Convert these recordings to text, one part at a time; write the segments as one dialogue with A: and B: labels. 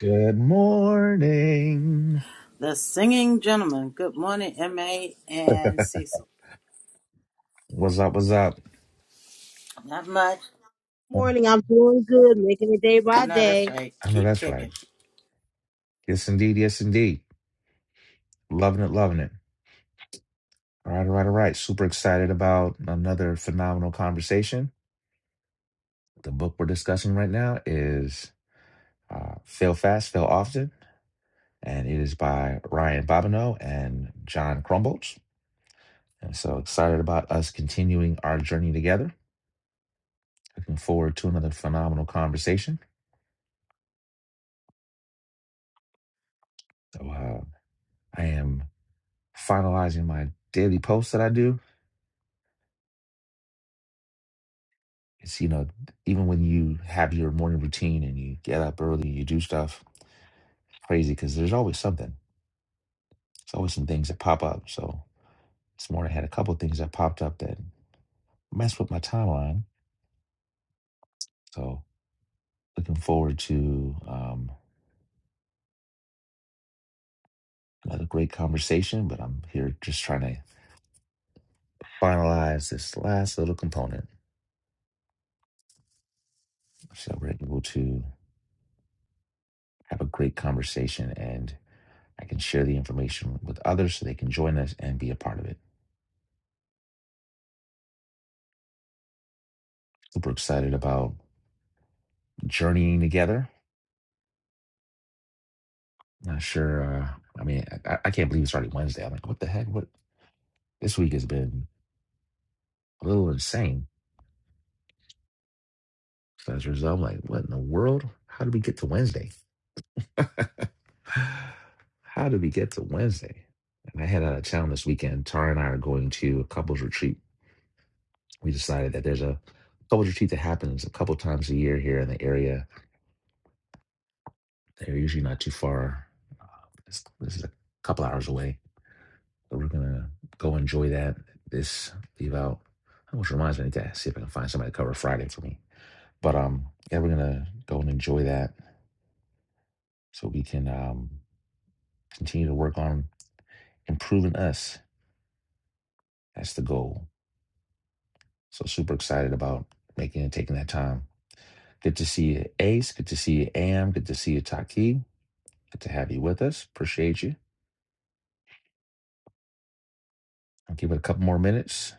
A: Good morning.
B: The singing gentleman. Good morning, MA and Cecil.
A: What's up? What's up?
B: Not much.
C: morning. I'm doing good, making it day
B: I
C: by
B: know that's
C: day.
B: right.
A: I know
B: Keep
A: that's right.
B: kicking.
A: Yes, indeed. Yes, indeed. Loving it. Loving it. All right. All right. All right. Super excited about another phenomenal conversation. The book we're discussing right now is uh, Fail Fast, Fail Often, and it is by Ryan Bobineau and John Crumbolts. And so excited about us continuing our journey together. Looking forward to another phenomenal conversation. So uh, I am finalizing my daily post that I do It's, you know, even when you have your morning routine and you get up early, you do stuff crazy because there's always something. There's always some things that pop up. So this morning I had a couple things that popped up that messed with my timeline. So looking forward to um, another great conversation, but I'm here just trying to finalize this last little component so we're able to have a great conversation and I can share the information with others so they can join us and be a part of it. Super excited about journeying together Not sure. Uh, I mean, I, I can't believe it's already Wednesday. I'm like, what the heck? What this week has been a little insane. So as a result, I'm like, what in the world? How did we get to Wednesday? How did we get to Wednesday? And I head out of town this weekend. Tara and I are going to a couples retreat. We decided that there's a couples retreat that happens a couple times a year here in the area. They're usually not too far. Uh, This, this is a couple hours away So we're gonna go enjoy that. This leave out, which reminds me, I need to see if I can find somebody to cover Friday for me. But um, yeah, we're gonna go and enjoy that so we can um continue to work on improving us. That's the goal. So super excited about making and taking that time. Good to see you, Ace. Good to see you, Am. Good to see you, Taki. Good to have you with us. Appreciate you. I'll give it a couple more minutes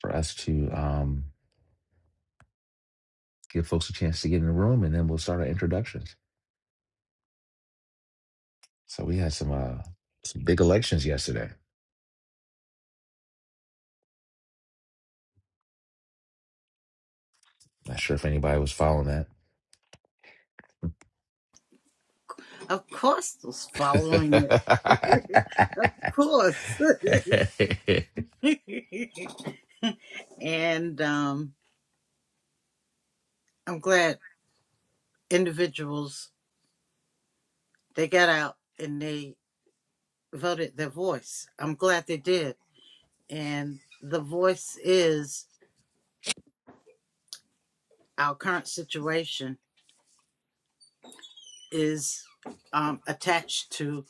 A: for us to um give folks a chance to get in the room, and then we'll start our introductions. So we had some uh some big elections yesterday. Not sure if anybody was following
B: Of course, those following it.
A: that.
B: of course. and um, I'm glad individuals they got out and they voted their voice. I'm glad they did. And the voice is our current situation is um, attached to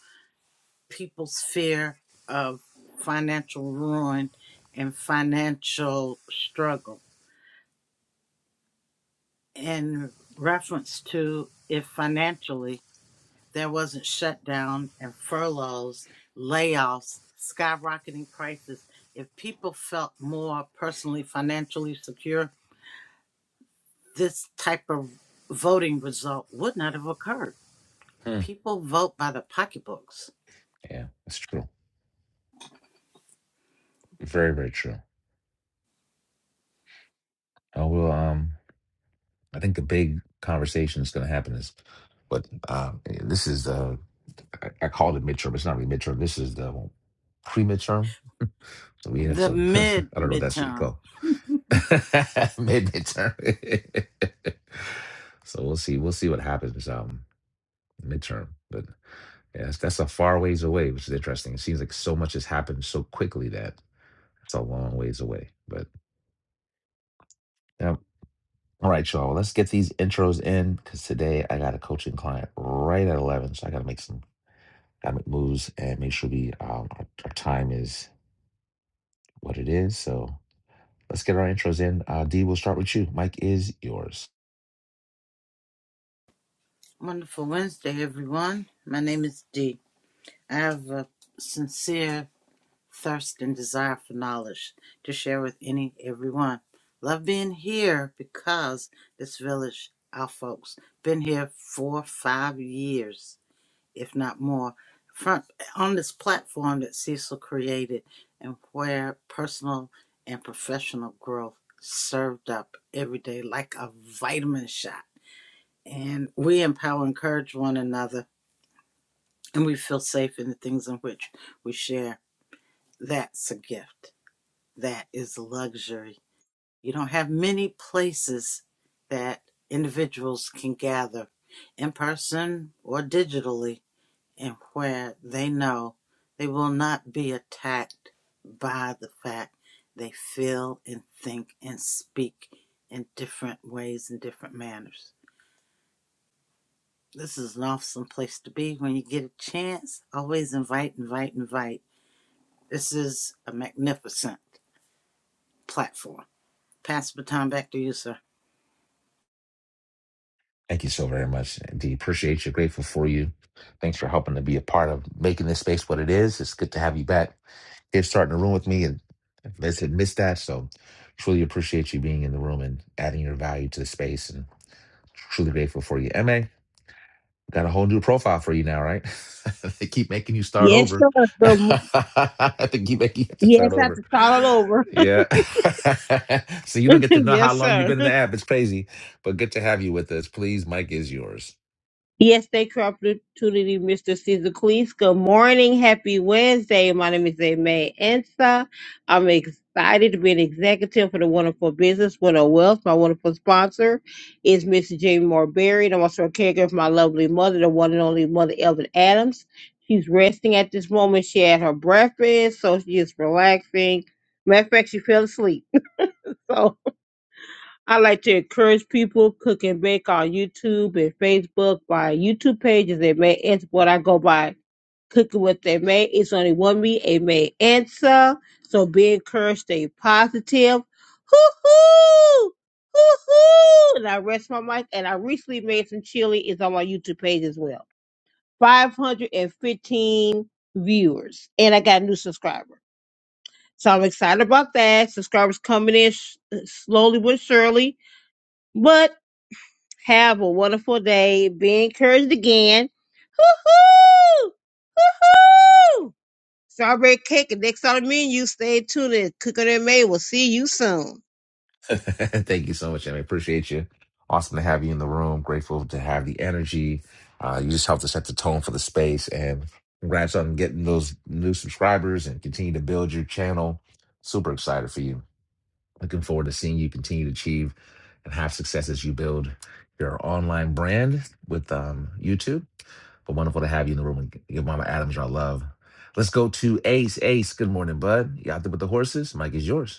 B: people's fear of financial ruin and financial struggle. In reference to if financially there wasn't shutdown and furloughs, layoffs, skyrocketing prices, if people felt more personally financially secure, this type of voting result would not have occurred.
A: Hmm.
B: People vote by the pocketbooks.
A: Yeah, it's true. Very, very true. I will um I think the big conversation is gonna happen is but um eh, this is the I, I call it midterm, it's not really midterm. This is the pre midterm. So we had
B: The
A: some
B: mid
A: I don't know what that's what you
B: midterm.
A: call mid midterm. so we'll see. We'll see what happens um midterm. But Yeah, that's, that's a far ways away, which is interesting. It seems like so much has happened so quickly that it's a long ways away. But yeah. All right, y'all. well, Let's get these intros in because today I got a coaching client right at eleven, so I got to make some gotta make moves and make sure we um, our, our time is what it is. So let's get our intros in. Uh, D, we'll start with you. Mike is yours.
B: Wonderful Wednesday, everyone. My name is Dee. I have a sincere thirst and desire for knowledge to share with any everyone. Love being here because this village, our folks, been here four, five years, if not more, front on this platform that Cecil created and where personal and professional growth served up every day like a vitamin shot. And we empower, and encourage one another, and we feel safe in the things in which we share that's a gift. That is luxury. You don't have many places that individuals can gather in person or digitally and where they know they will not be attacked by the fact they feel and think and speak in different ways and different manners. This is an awesome place to be when you get a chance. Always invite, invite, invite. This is a magnificent platform. Pass the baton back to you, sir.
A: Thank you so very much. Indeed, appreciate you. Grateful for you. Thanks for helping to be a part of making this space what it is. It's good to have you back here starting the room with me. And as said missed that, so truly appreciate you being in the room and adding your value to the space. And truly grateful for you. MA, got a whole new profile for you now, right? they keep making you start
C: Yes, sir.
A: over.
C: So,
A: they keep making you have to start
C: yes, I have
A: over.
C: to start all over.
A: Yeah. so you don't get to know how
C: yes,
A: long you've
C: sir.
A: been in the app. It's crazy, but good to have you with us. Please, Mike is yours.
C: Yes, thank you for the opportunity, Mr. Caesar Cleese. Good morning. Happy Wednesday. My name is Aimee Ensa. I'm excited to be an executive for the Wonderful Business Wonderful Wealth. My wonderful sponsor is Miss Jamie Moore Berry, and I'm also a caregiver for my lovely mother, the one and only mother, Elvin Adams. She's resting at this moment. She had her breakfast, so she is relaxing. Matter of fact, she fell asleep. I like to encourage people cook and bake on YouTube and Facebook. My YouTube page is a May Answer. What I go by cooking with a May. It's only one me, a May Answer. So be encouraged, stay positive. Hoo hoo, hoo hoo. And I rest my mic. And I recently made some chili. It's on my YouTube page as well. Five hundred and fifteen viewers, and I got a new subscriber. So I'm excited about that. Subscribers coming in sh- slowly but surely. But have a wonderful day. Be encouraged again. Hoo-hoo! Hoo-hoo! Strawberry cake and next on the menu. Stay tuned and Cooking and May will see you soon.
A: Thank you so much, and I appreciate you. Awesome to have you in the room. Grateful to have the energy. Uh, you just helped to set the tone for the space, and congrats on getting those new subscribers and continue to build your channel. Super excited for you. Looking forward to seeing you continue to achieve and have success as you build your online brand with um, YouTube. But wonderful to have you in the room and give Mama Adams your love. Let's go to Ace. Ace, good morning, bud. You out there with the horses? Mike is yours.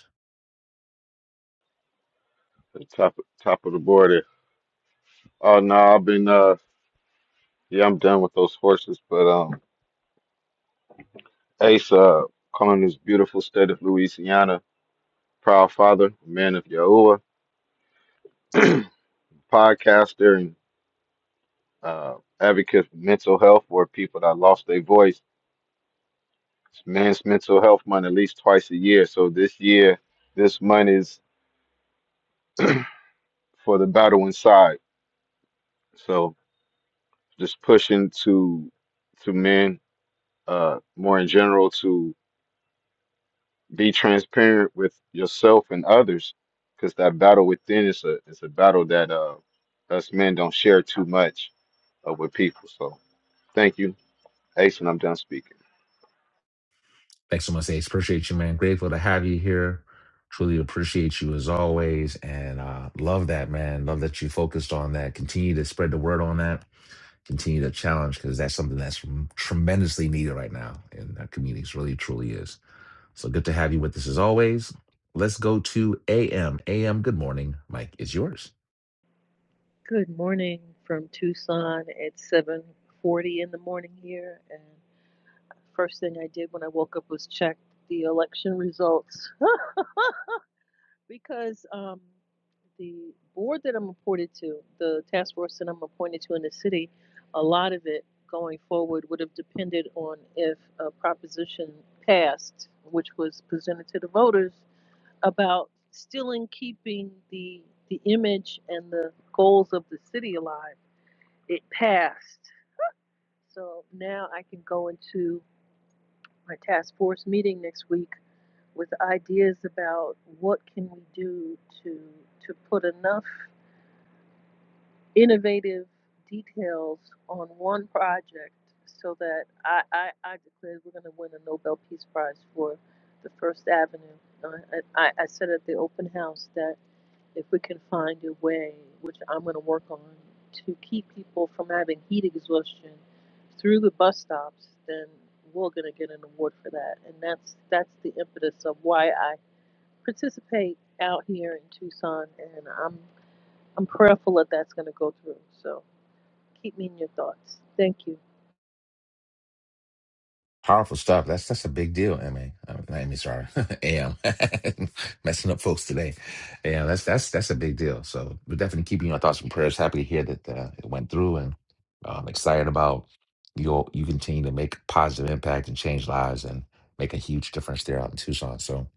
D: the top top of the border. Oh no, I've been uh yeah, I'm done with those horses, but um Ace uh calling this beautiful state of Louisiana, proud father, man of Yahuwah, podcaster and uh advocate for mental health for people that lost their voice. It's men's mental health month at least twice a year. So this year, this month is for the battle inside. So just pushing to to men uh more in general to. Be transparent with yourself and others, because that battle within is a is a battle that uh us men don't share too much of with people. So thank you, Ace, and I'm done speaking.
A: Excellent Ace. Appreciate you, man. Grateful to have you here. Truly appreciate you as always. And uh, love that, man. Love that you focused on that. Continue to spread the word on that. Continue to challenge because that's something that's tremendously needed right now in our communities. Really, truly is. So good to have you with us as always. Let's go to AM. AM, good morning. Mike is yours.
E: Good morning from Tucson. It's 7:40 in the morning here, and first thing I did when I woke up was check the election results because um, the board that I'm appointed to, the task force that I'm appointed to in the city, a lot of it going forward would have depended on if a proposition passed, which was presented to the voters about still in keeping the the image and the goals of the city alive. It passed So now I can go into my task force meeting next week with ideas about what can we do to to put enough innovative details on one project so that I, I, I declare we're going to win a Nobel Peace Prize for the First Avenue. Uh, I, I I said at the open house that if we can find a way, which I'm going to work on, to keep people from having heat exhaustion through the bus stops, then we're going to get an award for that. And that's that's the impetus of why I participate out here in Tucson, and I'm I'm prayerful that that's going to go through. So keep me in your thoughts. Thank you.
A: Powerful stuff. That's that's a big deal, Emmy. Uh, not Emmy, sorry, Am messing up folks today. Yeah, that's that's that's a big deal. So we're definitely keeping your thoughts and prayers. Happy to hear that uh, it went through, and um, excited about you. You continue to make positive impact and change lives, and make a huge difference there out in Tucson. So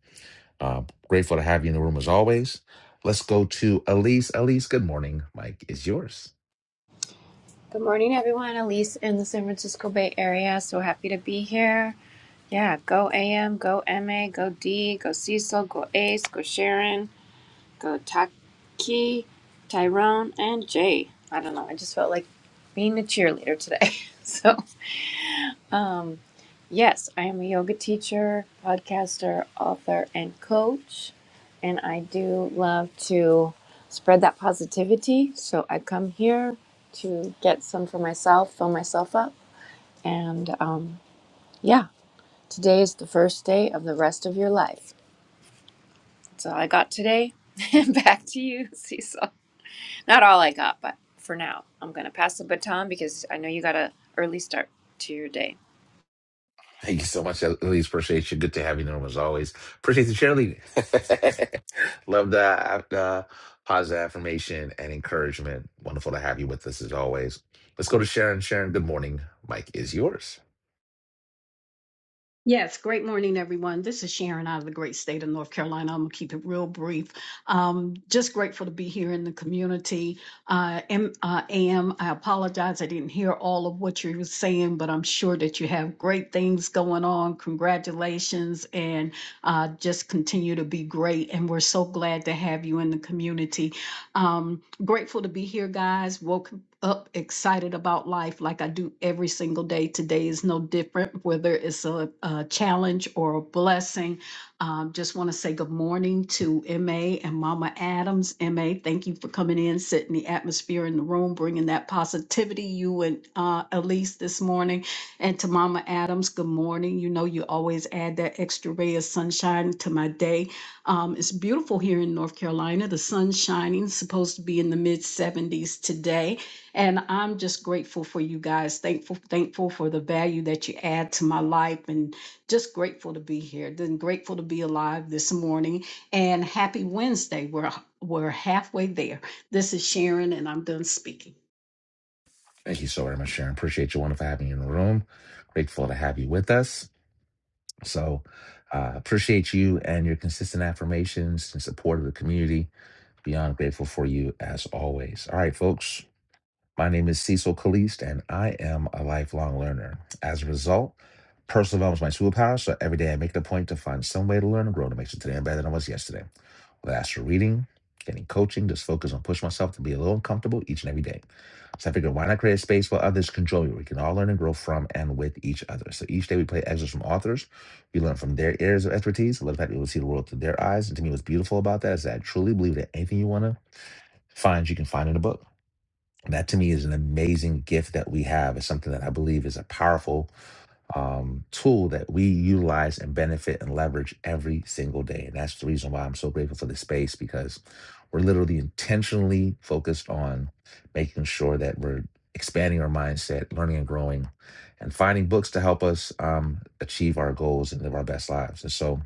A: uh, grateful to have you in the room as always. Let's go to Elise. Elise, good morning. Mike is yours.
F: Good morning, everyone. Elise in the San Francisco Bay Area. So happy to be here. Yeah, go AM, go MA, go D, go Cecil, go Ace, go Sharon, go Taki, Tyrone, and Jay. I don't know. I just felt like being a cheerleader today. So. Um, yes, I am a yoga teacher, podcaster, author, and coach. And I do love to spread that positivity. So I come here to get some for myself, fill myself up. And um, yeah, today is the first day of the rest of your life. That's all I got today. And Back to you, Cecil. Not all I got, but for now, I'm going to pass the baton because I know you got a early start to your day.
A: Thank you so much, Elise. Appreciate you. Good to have you in the room as always. Appreciate the cheerleading. Love the uh, positive affirmation and encouragement. Wonderful to have you with us as always. Let's go to Sharon. Sharon, good morning. Mike is yours.
G: Yes, great morning, everyone. This is Sharon out of the great state of North Carolina. I'm gonna keep it real brief. Um, just grateful to be here in the community. Uh, am, uh, am I apologize I didn't hear all of what you were saying, but I'm sure that you have great things going on. Congratulations, and uh, just continue to be great. And we're so glad to have you in the community. Um, grateful to be here, guys. Woke up excited about life like I do every single day. Today is no different, whether it's a, a challenge or a blessing. Um, just want to say good morning to MA and Mama Adams. MA, thank you for coming in, setting the atmosphere in the room, bringing that positivity, you and uh, Elise this morning. And to Mama Adams, good morning. You know, you always add that extra ray of sunshine to my day. Um, it's beautiful here in North Carolina. The sun's shining, supposed to be in the mid 70s today. And I'm just grateful for you guys. Thankful, thankful for the value that you add to my life and just grateful to be here. Then grateful to be alive this morning. And happy Wednesday. We're we're halfway there. This is Sharon and I'm done speaking.
A: Thank you so very much, Sharon. Appreciate you. Wonderful having you in the room. Grateful to have you with us. So uh, appreciate you and your consistent affirmations and support of the community. Beyond grateful for you as always. All right, folks My name is Cecil Caliste, and I am a lifelong learner. As a result, personal development is my superpower, so every day I make it a point to find some way to learn and grow to make sure today I'm better than I was yesterday. Whether that's through reading, getting coaching, just focus on pushing myself to be a little uncomfortable each and every day. So I figured, why not create a space where others can join me? We can all learn and grow from and with each other. So each day we play excerpts from authors. We learn from their areas of expertise. Let that we will see the world through their eyes. And to me, what's beautiful about that is that I truly believe that anything you want to find, you can find in a book that to me is an amazing gift that we have. It's something that I believe is a powerful um, tool that we utilize and benefit and leverage every single day. And that's the reason why I'm so grateful for this space because we're literally intentionally focused on making sure that we're expanding our mindset, learning and growing, and finding books to help us um, achieve our goals and live our best lives. And so,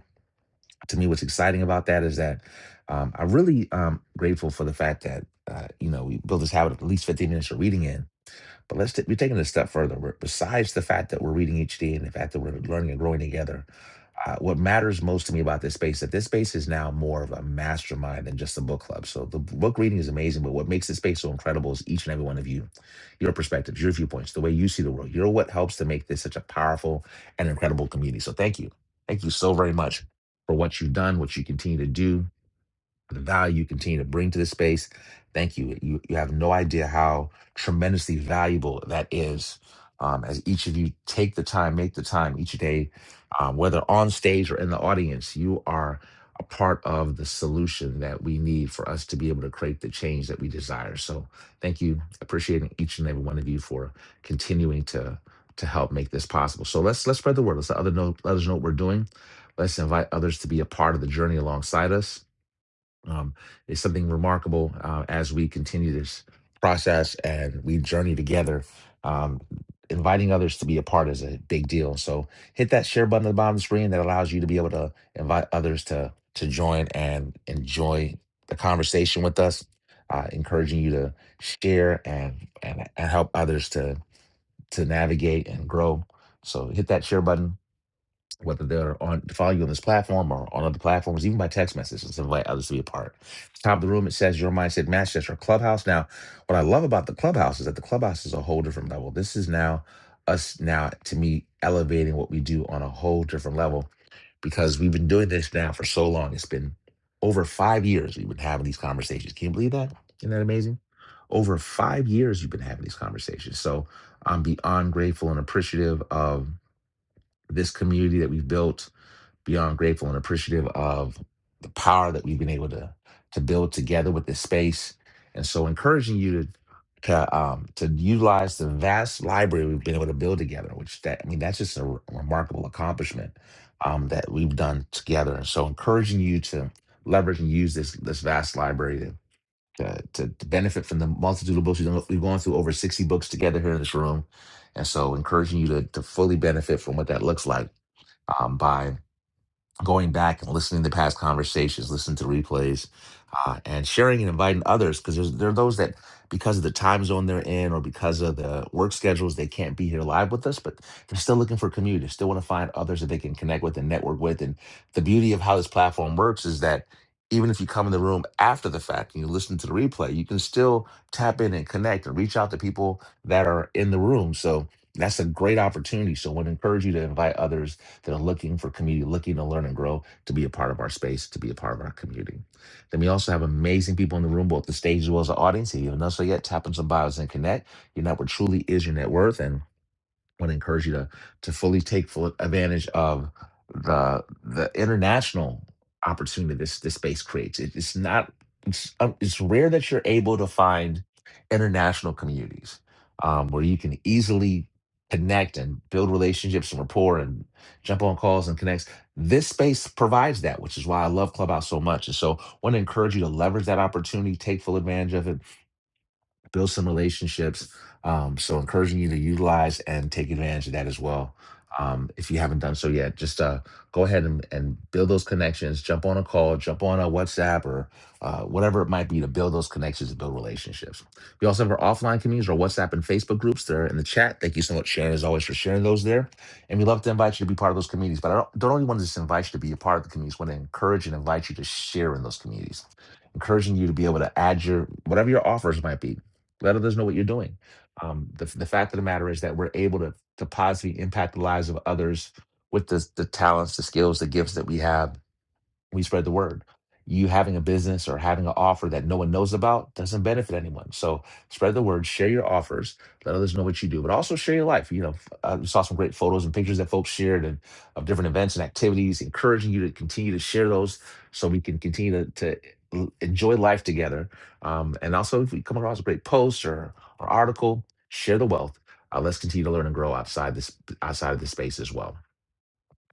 A: to me what's exciting about that is that um, i'm really um, grateful for the fact that uh, you know we build this habit of at least 15 minutes of reading in but let's t- we're taking it a step further we're, besides the fact that we're reading each day and the fact that we're learning and growing together uh, what matters most to me about this space that this space is now more of a mastermind than just a book club. So the book reading is amazing, but what makes this space so incredible is each and every one of you, your perspectives, your viewpoints, the way you see the world. You're what helps to make this such a powerful and incredible community. So thank you, thank you so very much for what you've done, what you continue to do, the value you continue to bring to this space. Thank you. You, you have no idea how tremendously valuable that is um, as each of you take the time, make the time each day, um, whether on stage or in the audience, you are a part of the solution that we need for us to be able to create the change that we desire. So thank you. Appreciating each and every one of you for continuing to to help make this possible. So let's let's spread the word. Let's let other know let us know what we're doing. Let's invite others to be a part of the journey alongside us um, is something remarkable uh, as we continue this process and we journey together. Um, inviting others to be a part is a big deal. So hit that share button at the bottom of the screen that allows you to be able to invite others to to join and enjoy the conversation with us. Uh, encouraging you to share and, and and help others to to navigate and grow. So hit that share button whether they're on follow you on this platform or on other platforms, even by text messages, to invite others to be a part. Top of the room, it says your mindset matches That's our clubhouse. Now, what I love about the clubhouse is that the clubhouse is a whole different level. This is now us now to me elevating what we do on a whole different level because we've been doing this now for so long. It's been over five years we've been having these conversations. Can you believe that? Isn't that amazing? Over five years you've been having these conversations. So I'm beyond grateful and appreciative of this community that we've built beyond grateful and appreciative of the power that we've been able to to build together with this space. And so encouraging you to to, um, to utilize the vast library we've been able to build together, which that I mean that's just a re- remarkable accomplishment um, that we've done together. And so encouraging you to leverage and use this this vast library to to, to, to benefit from the multitude of books we've, done, we've gone through over 60 books together here in this room and so encouraging you to, to fully benefit from what that looks like um, by going back and listening to past conversations, listening to replays, uh, and sharing and inviting others because there are those that, because of the time zone they're in or because of the work schedules, they can't be here live with us, but they're still looking for community, still want to find others that they can connect with and network with. And the beauty of how this platform works is that even if you come in the room after the fact and you listen to the replay, you can still tap in and connect and reach out to people that are in the room. So that's a great opportunity. So I want to encourage you to invite others that are looking for community, looking to learn and grow, to be a part of our space, to be a part of our community. Then we also have amazing people in the room, both the stage as well as the audience. If you haven't done so yet, tap on some bios and connect. Your network truly is your net worth. And want to encourage you to to fully take full advantage of the the international opportunity this this space creates. It, it's not it's um, it's rare that you're able to find international communities um, where you can easily connect and build relationships and rapport and jump on calls and connects. This space provides that, which is why I love Clubhouse so much. And so, want to encourage you to leverage that opportunity, take full advantage of it build some relationships. Um, so encouraging you to utilize and take advantage of that as well. Um, if you haven't done so yet, just uh, go ahead and, and build those connections. Jump on a call, jump on a WhatsApp or uh, whatever it might be to build those connections and build relationships. We also have our offline communities, our WhatsApp and Facebook groups. They're in the chat. Thank you so much, Sharon, as always, for sharing those there. And we love to invite you to be part of those communities. But I don't, don't only want to just invite you to be a part of the communities, want to encourage and invite you to share in those communities encouraging you to be able to add your whatever your offers might be let others know what you're doing. Um, the, the fact of the matter is that we're able to, to positively impact the lives of others with the, the talents, the skills, the gifts that we have we spread the word. You having a business or having an offer that no one knows about doesn't benefit anyone. So spread the word, share your offers, let others know what you do, but also share your life. You know, uh, we saw some great photos and pictures that folks shared and of different events and activities, encouraging you to continue to share those so we can continue to, to l- enjoy life together. Um, and also, if we come across a great post or, or article, share the wealth. Uh, let's continue to learn and grow outside this outside of this space as well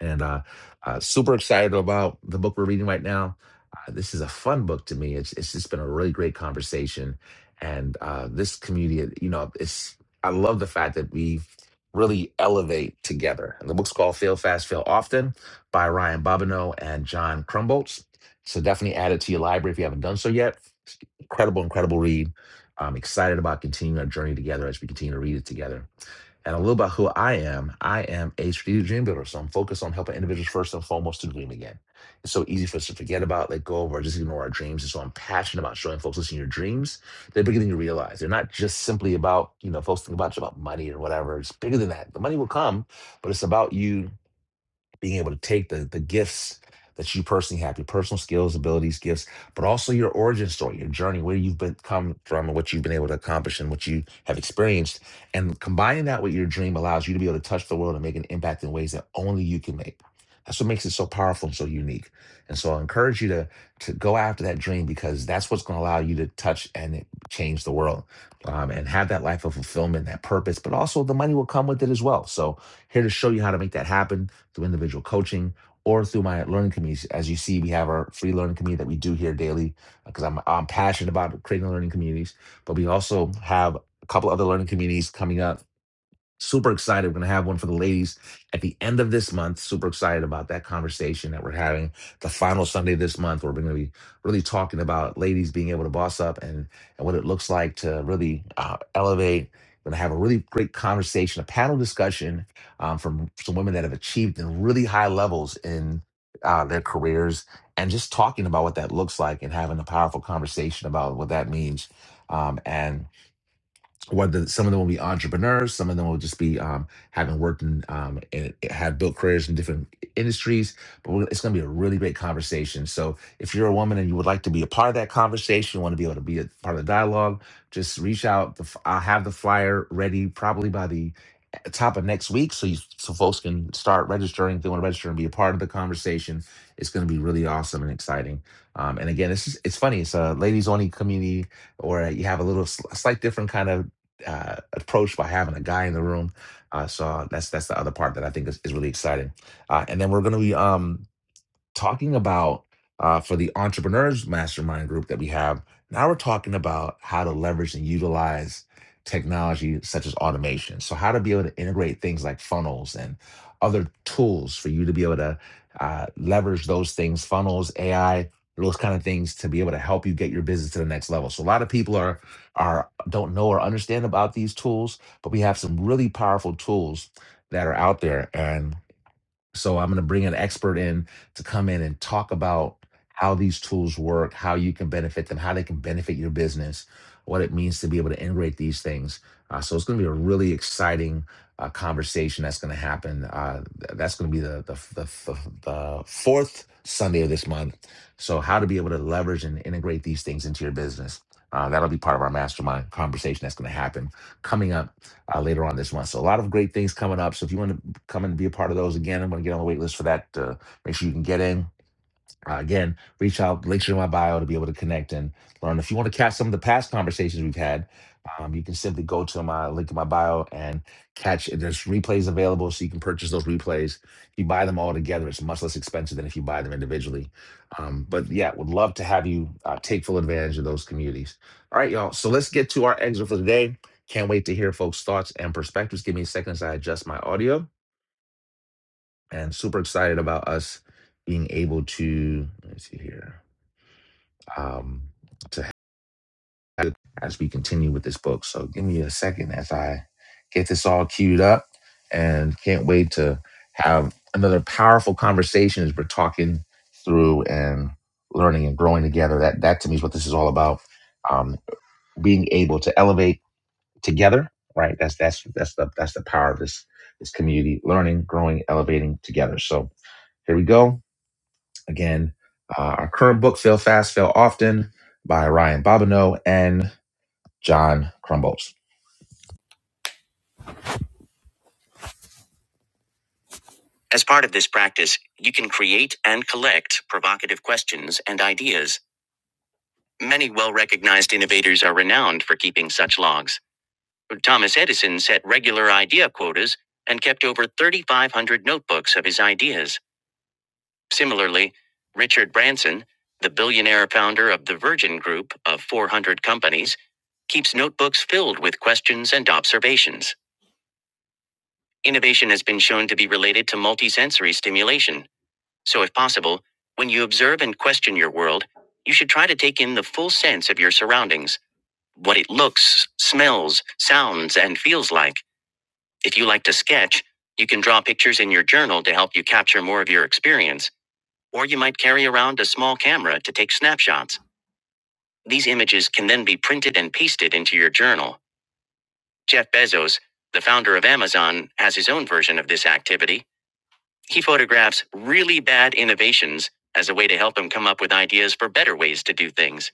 A: and uh, uh, super excited about the book we're reading right now. Uh, this is a fun book to me. It's it's just been a really great conversation, and uh, this community, you know, it's I love the fact that we really elevate together. And the book's called "Fail Fast, Fail Often" by Ryan Bobineau and John Crumbolts. So definitely add it to your library if you haven't done so yet. Incredible, incredible read. I'm excited about continuing our journey together as we continue to read it together and a little about who I am. I am a strategic dream builder, so I'm focused on helping individuals first and foremost to dream again. It's so easy for us to forget about, let go of, or just ignore our dreams. And so I'm passionate about showing folks, listen, your dreams, they're bigger than you realize. They're not just simply about, you know, folks think about, it's about money or whatever. It's bigger than that. The money will come, but it's about you being able to take the the gifts that you personally have, your personal skills, abilities, gifts, but also your origin story, your journey, where you've been come from and what you've been able to accomplish and what you have experienced. And combining that with your dream allows you to be able to touch the world and make an impact in ways that only you can make. That's what makes it so powerful and so unique. And so I encourage you to to go after that dream because that's what's going to allow you to touch and change the world um, and have that life of fulfillment, that purpose, but also the money will come with it as well. So here to show you how to make that happen through individual coaching, or through my learning communities. As you see, we have our free learning community that we do here daily because I'm, I'm passionate about creating learning communities. But we also have a couple other learning communities coming up Super excited. We're going to have one for the ladies at the end of this month. Super excited about that conversation that we're having the final Sunday of this month. Where we're going to be really talking about ladies being able to boss up and, and what it looks like to really uh, elevate. We're going to have a really great conversation, a panel discussion um, from some women that have achieved in really high levels in uh, their careers and just talking about what that looks like and having a powerful conversation about what that means. Um, and whether some of them will be entrepreneurs, some of them will just be um, having worked in um, and have built careers in different industries. But we're- it's going to be a really great conversation. So if you're a woman and you would like to be a part of that conversation, want to be able to be a part of the dialogue, just reach out. The, f- I'll have the flyer ready probably by the eh, top of next week, so you, so folks can start registering. If they want to register and be a part of the conversation, it's going to be really awesome and exciting. Um, and again, it's just, it's funny. It's a ladies only community or you have a little sl- slight different kind of uh, approach by having a guy in the room. Uh, so that's that's the other part that I think is, is really exciting. Uh, and then we're going to be um, talking about uh, for the entrepreneurs mastermind group that we have now we're talking about how to leverage and utilize technology such as automation so how to be able to integrate things like funnels and other tools for you to be able to uh, leverage those things funnels ai those kind of things to be able to help you get your business to the next level so a lot of people are are don't know or understand about these tools but we have some really powerful tools that are out there and. So I'm going to bring an expert in to come in and talk about how these tools work, how you can benefit them, how they can benefit your business, what it means to be able to integrate these things. Uh, so it's going to be a really exciting uh, conversation that's going to happen. Uh, th- that's going to be the the, the the the fourth Sunday of this month. So how to be able to leverage and integrate these things into your business. Uh, that'll be part of our mastermind conversation that's going to happen coming up uh, later on this month. So a lot of great things coming up. So if you want to come and be a part of those again. I'm going to get on the wait list for that. Uh, make sure you can get in. Uh, again, reach out, links are in my bio to be able to connect and learn. If you want to catch some of the past conversations we've had, um, you can simply go to my link in my bio and catch. There's replays available, so you can purchase those replays. If you buy them all together, it's much less expensive than if you buy them individually. Um, but yeah, would love to have you uh, take full advantage of those communities. All right, y'all. So let's get to our exit for today. Can't wait to hear folks' thoughts and perspectives. Give me a second as I adjust my audio and super excited about us being able to let me see here um to have it as we continue with this book so give me a second as i get this all queued up and can't wait to have another powerful conversation as we're talking through and learning and growing together that that to me is what this is all about um being able to elevate together right that's that's that's the that's the power of this this community learning growing elevating together so here we go Again, uh, our current book, Fail Fast, Fail Often, by Ryan Bobineau and John Crumbles. As part of this practice, you can create and collect provocative questions and ideas. Many well recognized innovators are renowned for keeping such logs. Thomas Edison set regular idea quotas and kept over 3,500 notebooks of his ideas. Similarly, Richard Branson, the billionaire founder of the Virgin Group of 400 companies, keeps notebooks filled with questions and observations. Innovation has been shown to be related to multisensory stimulation. So, if possible, when you observe and question your world, you should try to take in the full sense of your surroundings what it looks, smells, sounds, and feels like. If you like to sketch, you can draw pictures in your journal to help you capture more of your experience. Or you might carry around a small camera to take snapshots. These images can then be printed and pasted into your journal. Jeff Bezos, the founder of Amazon, has his own version of this activity. He photographs really bad innovations as a way to help him come up with ideas for better ways to do things.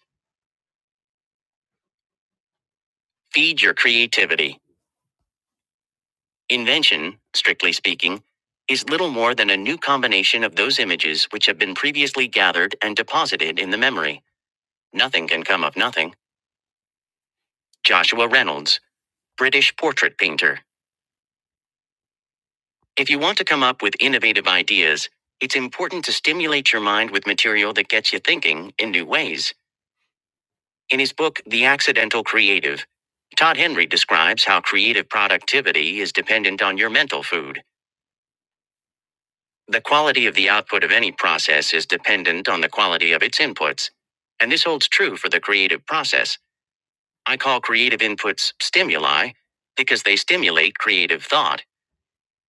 A: Feed your creativity. Invention, strictly speaking, is little more than a new combination of those images which have been previously gathered and deposited in the memory. Nothing can come of nothing. Joshua Reynolds. British portrait painter. If you want to come up with innovative ideas, it's important to stimulate your mind with material that gets you thinking in new ways. In his book, The Accidental Creative, Todd Henry describes how creative productivity is dependent on your mental food. The quality of the output of any process is dependent on the quality of its inputs. And this holds true for the creative process. I call creative inputs stimuli because they stimulate creative thought.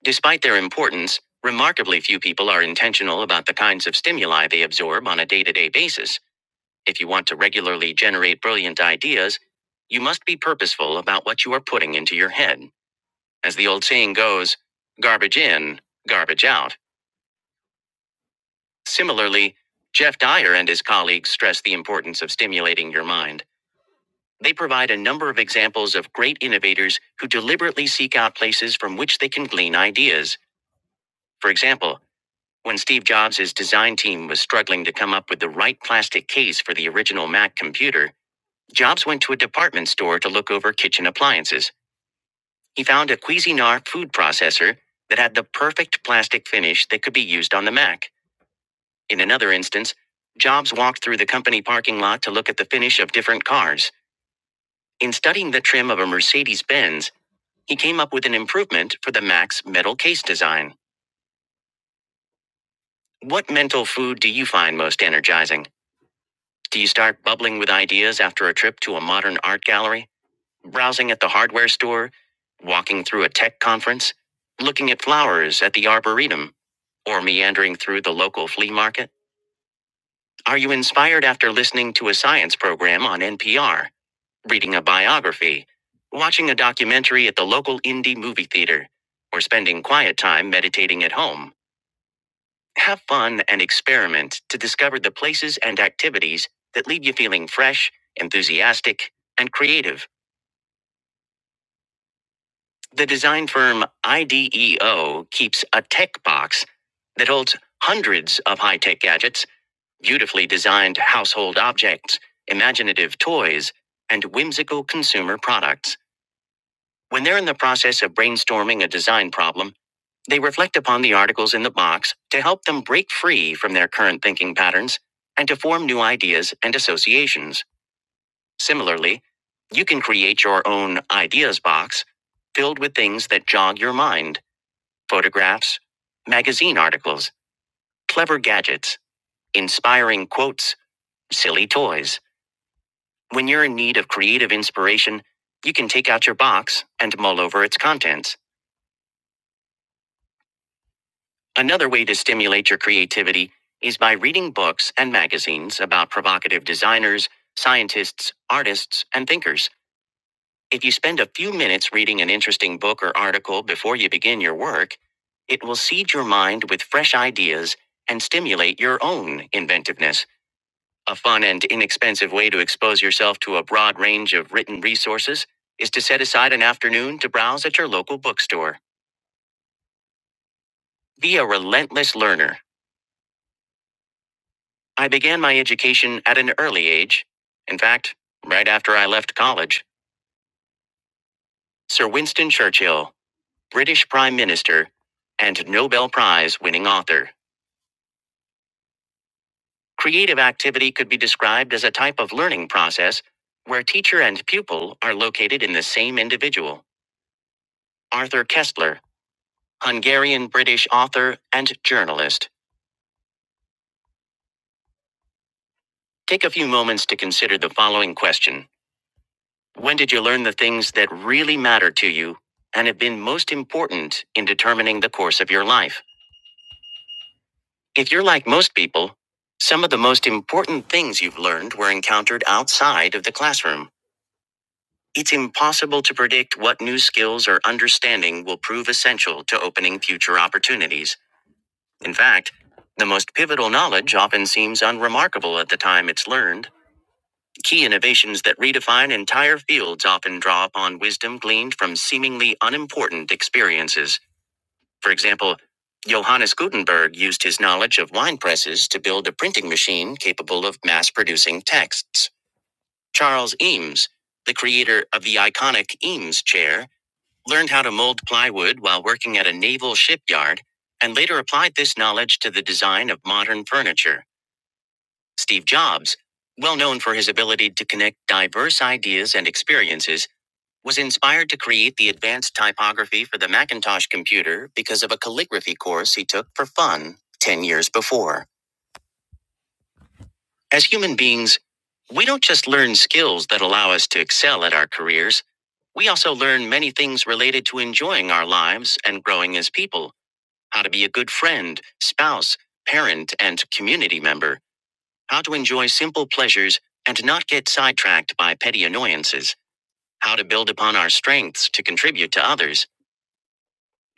A: Despite their importance, remarkably few people are intentional about the kinds of stimuli they absorb on a day to day basis. If you want to regularly generate brilliant ideas, you must be purposeful about what you are putting into your head. As the old saying goes, garbage in, garbage out. Similarly, Jeff Dyer and his colleagues stress the importance of stimulating your mind. They provide a number of examples of great innovators who deliberately seek out places from which they can glean ideas. For example, When Steve Jobs' design team was struggling to come up with the right plastic case for the original Mac computer, Jobs went to a department store to look over kitchen appliances. He found a Cuisinart food processor that had the perfect plastic finish that could be used on the Mac. In another instance, Jobs walked through the company parking lot to look at the finish of different cars. In studying the trim of a Mercedes Benz, he came up with an improvement for the Mac's metal case design. What mental food do you find most energizing? Do you start bubbling with ideas after a trip to a modern art gallery, browsing at the hardware store, walking through a tech conference, looking at flowers at the arboretum, or meandering through the local flea market? Are you inspired after listening to a science program on NPR, reading a biography, watching a documentary at the local indie movie theater, or spending quiet time meditating at home? Have fun and experiment to discover the places and activities that leave you feeling fresh, enthusiastic, and creative. The design firm IDEO keeps a tech box that holds hundreds of high tech gadgets, beautifully designed household objects, imaginative toys, and whimsical consumer products. When they're in the process of brainstorming a design problem, They reflect upon the articles in the box to help them break free from their current thinking patterns and to form new ideas and associations. Similarly, you can create your own ideas box filled with things that jog your mind photographs, magazine articles, clever gadgets, inspiring quotes, silly toys. When you're in need of creative inspiration, you can take out your box and mull over its contents. Another way to stimulate your creativity is by reading books and magazines about provocative designers, scientists, artists, and thinkers. If you spend a few minutes reading an interesting book or article before you begin your work, it will seed your mind with fresh ideas and stimulate your own inventiveness. A fun and inexpensive way to expose yourself to a broad range of written resources is to set aside an afternoon to browse at your local bookstore. Be a relentless learner I began my education at an early age. In fact, right after I left college, Sir Winston Churchill, British Prime Minister and Nobel Prize winning author. Creative activity could be described as a type of learning process where teacher and pupil are located in the same individual. Arthur Kessler, Hungarian British author and journalist. Take a few moments to consider the following question When did you learn the things that really matter to you and have been most important in determining the course of your life? If you're like most people, some of the most important things you've learned were encountered outside of the classroom. It's impossible to predict what new skills or understanding will prove essential to opening future opportunities. In fact, the most pivotal knowledge often seems unremarkable at the time it's learned Key innovations that redefine entire fields often draw upon wisdom gleaned from seemingly unimportant experiences. For example, Johannes Gutenberg used his knowledge of wine presses to build a printing machine capable of mass producing texts. Charles Eames, the creator of the iconic Eames chair, learned how to mold plywood while working at a naval shipyard and later applied this knowledge to the design of modern furniture. Steve Jobs, well known for his ability to connect diverse ideas and experiences, was inspired to create the advanced typography for the Macintosh computer because of a calligraphy course he took for fun 10 years before. As human beings, we don't just learn skills that allow us to excel at our careers, we also learn many things related to enjoying our lives and growing as people how to be a good friend, spouse, parent, and community member. How to enjoy simple pleasures and not get sidetracked by petty annoyances. How to build upon our strengths to contribute to others.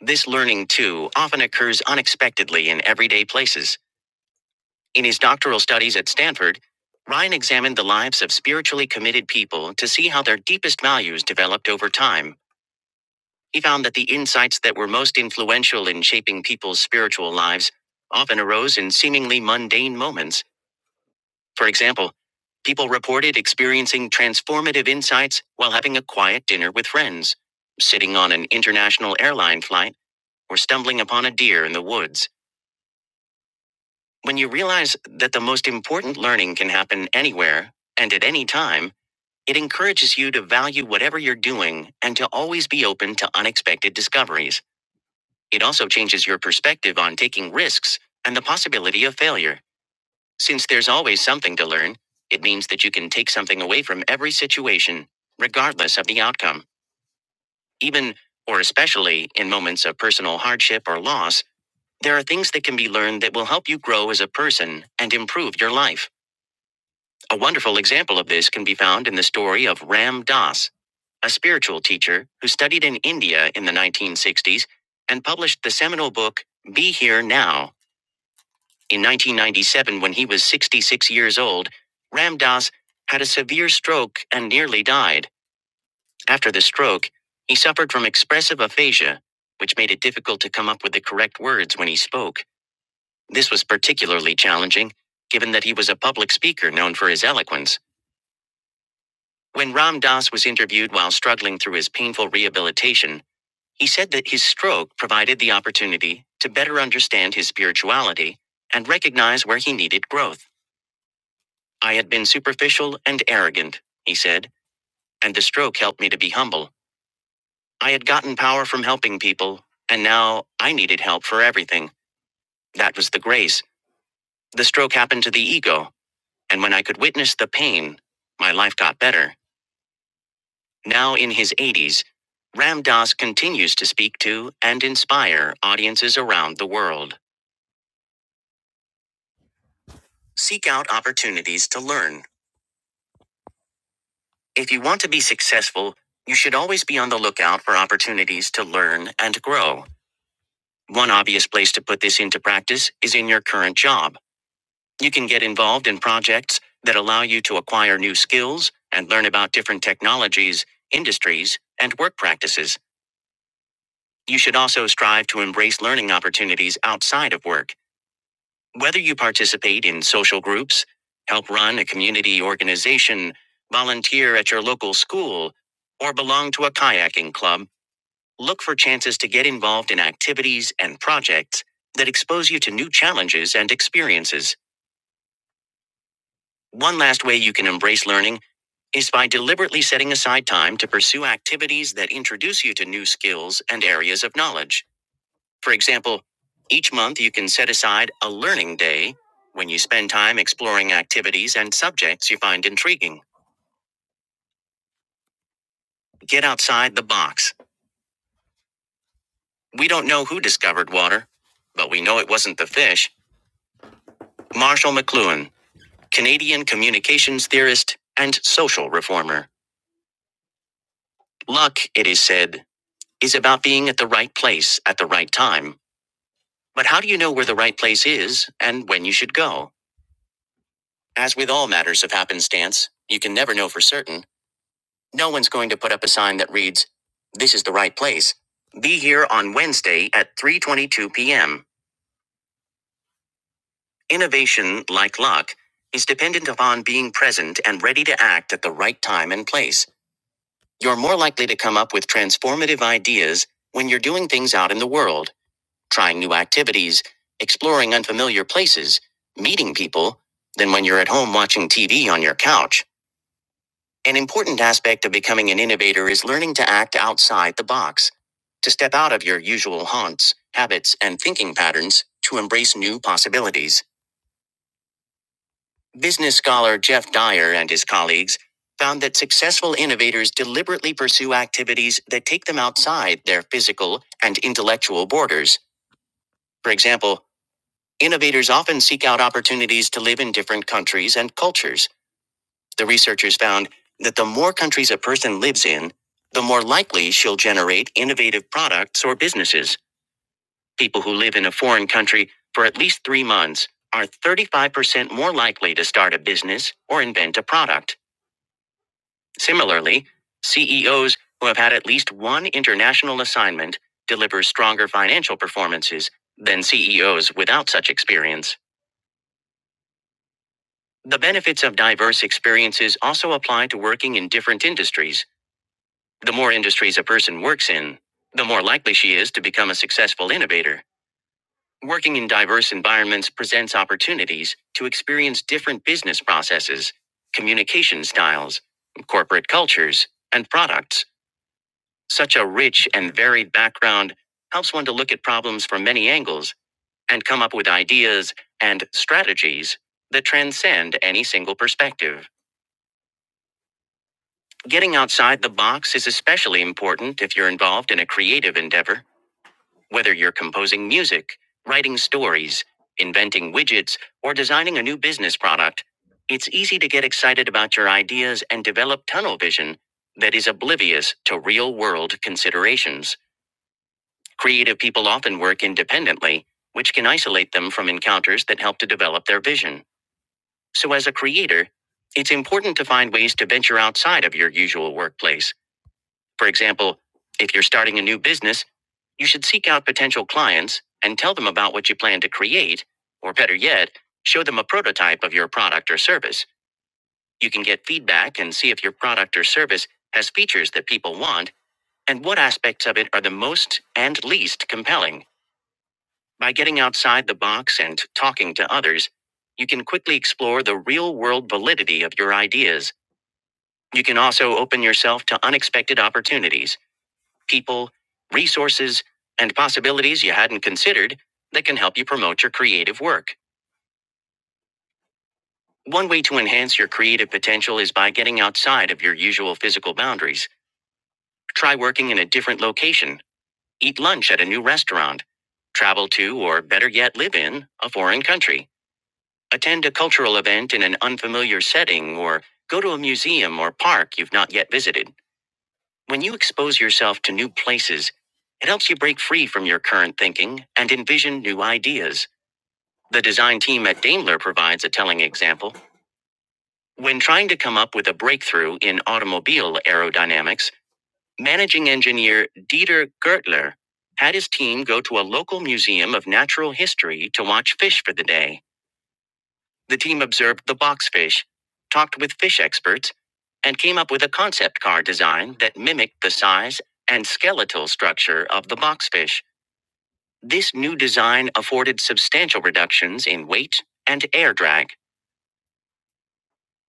A: This learning, too, often occurs unexpectedly in everyday places. In his doctoral studies at Stanford, Ryan examined the lives of spiritually committed people to see how their deepest values developed over time. He found that the insights that were most influential in shaping people's spiritual lives often arose in seemingly mundane moments For example, people reported experiencing transformative insights while having a quiet dinner with friends, sitting on an international airline flight, or stumbling upon a deer in the woods. When you realize that the most important learning can happen anywhere and at any time, it encourages you to value whatever you're doing and to always be open to unexpected discoveries. It also changes your perspective on taking risks and the possibility of failure. Since there's always something to learn, it means that you can take something away from every situation, regardless of the outcome. Even, or especially, in moments of personal hardship or loss, there are things that can be learned that will help you grow as a person and improve your life. A wonderful example of this can be found in the story of Ram Dass, a spiritual teacher who studied in India in the 1960s and published the seminal book, Be Here Now. In 1997, when he was 66 years old, Ramdas had a severe stroke and nearly died. After the stroke, he suffered from expressive aphasia, which made it difficult to come up with the correct words when he spoke. This was particularly challenging, given that he was a public speaker known for his eloquence. When Ram Das was interviewed while struggling through his painful rehabilitation, he said that his stroke provided the opportunity to better understand his spirituality and recognize where he needed growth. I had been superficial and arrogant, he said, and the stroke helped me to be humble. I had gotten power from helping people, and now I needed help for everything. That was the grace. The stroke happened to the ego, and when I could witness the pain, my life got better. Now in his 80s, Ram Dass continues to speak to and inspire audiences around the world. Seek out opportunities to learn. If you want to be successful, you should always be on the lookout for opportunities to learn and grow. One obvious place to put this into practice is in your current job. You can get involved in projects that allow you to acquire new skills and learn about different technologies, industries, and work practices. You should also strive to embrace learning opportunities outside of work. Whether you participate in social groups, help run a community organization, volunteer at your local school, or belong to a kayaking club, Look for chances to get involved in activities and projects that expose you to new challenges and experiences. One last way you can embrace learning is by deliberately setting aside time to pursue activities that introduce you to new skills and areas of knowledge. For example, each month you can set aside a learning day when you spend time exploring activities and subjects you find intriguing. Get outside the box. We don't know who discovered water, but we know it wasn't the fish. Marshall McLuhan. Canadian communications theorist and social reformer. Luck, it is said, is about being at the right place at the right time. But how do you know where the right place is and when you should go? As with all matters of happenstance, you can never know for certain. No one's going to put up a sign that reads, "This is the right place. Be here on Wednesday at 3:22 p.m." Innovation, like luck, is dependent upon being present and ready to act at the right time and place. You're more likely to come up with transformative ideas when you're doing things out in the world, trying new activities, exploring unfamiliar places, meeting people, than when you're at home watching TV on your couch. An important aspect of becoming an innovator is learning to act outside the box, to step out of your usual haunts, habits, and thinking patterns to embrace new possibilities. Business scholar Jeff Dyer and his colleagues found that successful innovators deliberately pursue activities that take them outside their physical and intellectual borders. For example, innovators often seek out opportunities to live in different countries and cultures. The researchers found that the more countries a person lives in, the more likely she'll generate innovative products or businesses. People who live in a foreign country for at least three months are 35% more likely to start a business or invent a product. Similarly, CEOs who have had at least one international assignment deliver stronger financial performances than CEOs without such experience. The benefits of diverse experiences also apply to working in different industries. The more industries a person works in, the more likely she is to become a successful innovator. Working in diverse environments presents opportunities to experience different business processes, communication styles, corporate cultures, and products. Such a rich and varied background helps one to look at problems from many angles and come up with ideas and strategies that transcend any single perspective. Getting outside the box is especially important if you're involved in a creative endeavor, whether you're composing music, writing stories, inventing widgets, or designing a new business product. It's easy to get excited about your ideas and develop tunnel vision that is oblivious to real world considerations. Creative people often work independently, which can isolate them from encounters that help to develop their vision. So, as a creator, it's important to find ways to venture outside of your usual workplace. For example, if you're starting a new business, you should seek out potential clients and tell them about what you plan to create, or better yet, show them a prototype of your product or service. You can get feedback and see if your product or service has features that people want and what aspects of it are the most and least compelling. By getting outside the box and talking to others, you can quickly explore the real world validity of your ideas. You can also open yourself to unexpected opportunities, people, resources, and possibilities you hadn't considered that can help you promote your creative work. One way to enhance your creative potential is by getting outside of your usual physical boundaries. Try working in a different location, eat lunch at a new restaurant, travel to, or better yet, live in a foreign country. Attend a cultural event in an unfamiliar setting or go to a museum or park you've not yet visited. When you expose yourself to new places, it helps you break free from your current thinking and envision new ideas. The design team at Daimler provides a telling example. When trying to come up with a breakthrough in automobile aerodynamics, managing engineer Dieter Gertler had his team go to a local museum of natural history to watch fish for the day. The team observed the boxfish, talked with fish experts, and came up with a concept car design that mimicked the size and skeletal structure of the boxfish. This new design afforded substantial reductions in weight and air drag.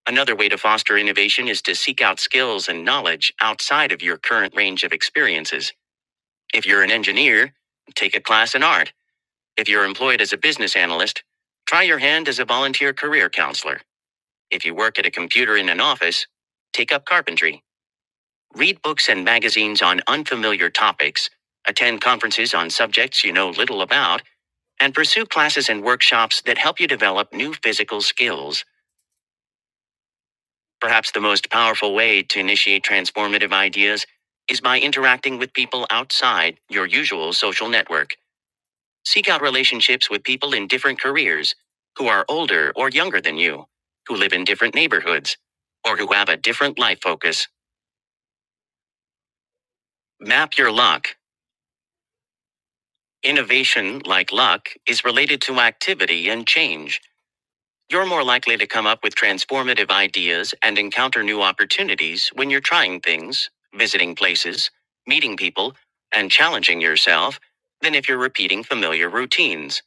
A: Another way to foster innovation is to seek out skills and knowledge outside of your current range of experiences. If you're an engineer, take a class in art. If you're employed as a business analyst, try your hand as a volunteer career counselor. If you work at a computer in an office, take up carpentry, read books and magazines on unfamiliar topics, attend conferences on subjects you know little about, and pursue classes and workshops that help you develop new physical skills. Perhaps the most powerful way to initiate transformative ideas is by interacting with people outside your usual social network. Seek out relationships with people in different careers, who are older or younger than you, who live in different neighborhoods, or who have a different life focus. Map your luck. Innovation, like luck, is related to activity and change. You're more likely to come up with transformative ideas and encounter new opportunities when you're trying things, visiting places, meeting people, and challenging yourself than if you're repeating familiar routines.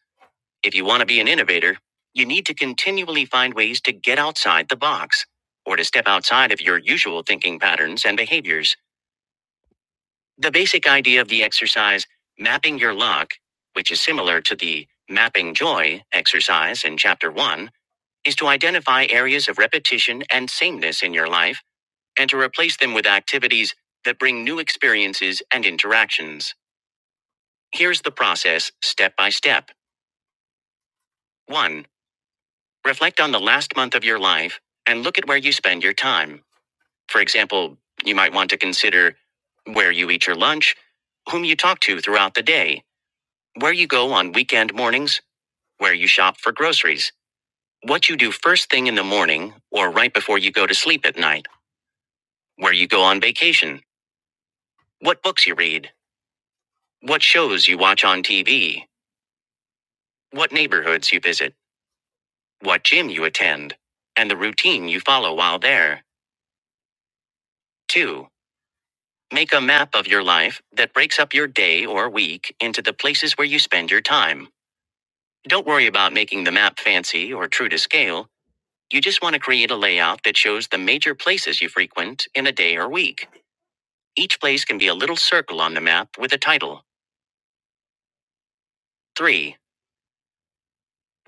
A: If you want to be an innovator, you need to continually find ways to get outside the box or to step outside of your usual thinking patterns and behaviors. The basic idea of the exercise, mapping your luck, which is similar to the mapping joy exercise in chapter one, is to identify areas of repetition and sameness in your life and to replace them with activities that bring new experiences and interactions. Here's the process step by step. One, reflect on the last month of your life and look at where you spend your time. For example, you might want to consider where you eat your lunch, whom you talk to throughout the day, Where you go on weekend mornings, where you shop for groceries, what you do first thing in the morning or right before you go to sleep at night, where you go on vacation, what books you read, what shows you watch on TV, what neighborhoods you visit, what gym you attend, and the routine you follow while there. 2. Make a map of your life that breaks up your day or week into the places where you spend your time. Don't worry about making the map fancy or true to scale You just want to create a layout that shows the major places you frequent in a day or week. Each place can be a little circle on the map with a title. 3.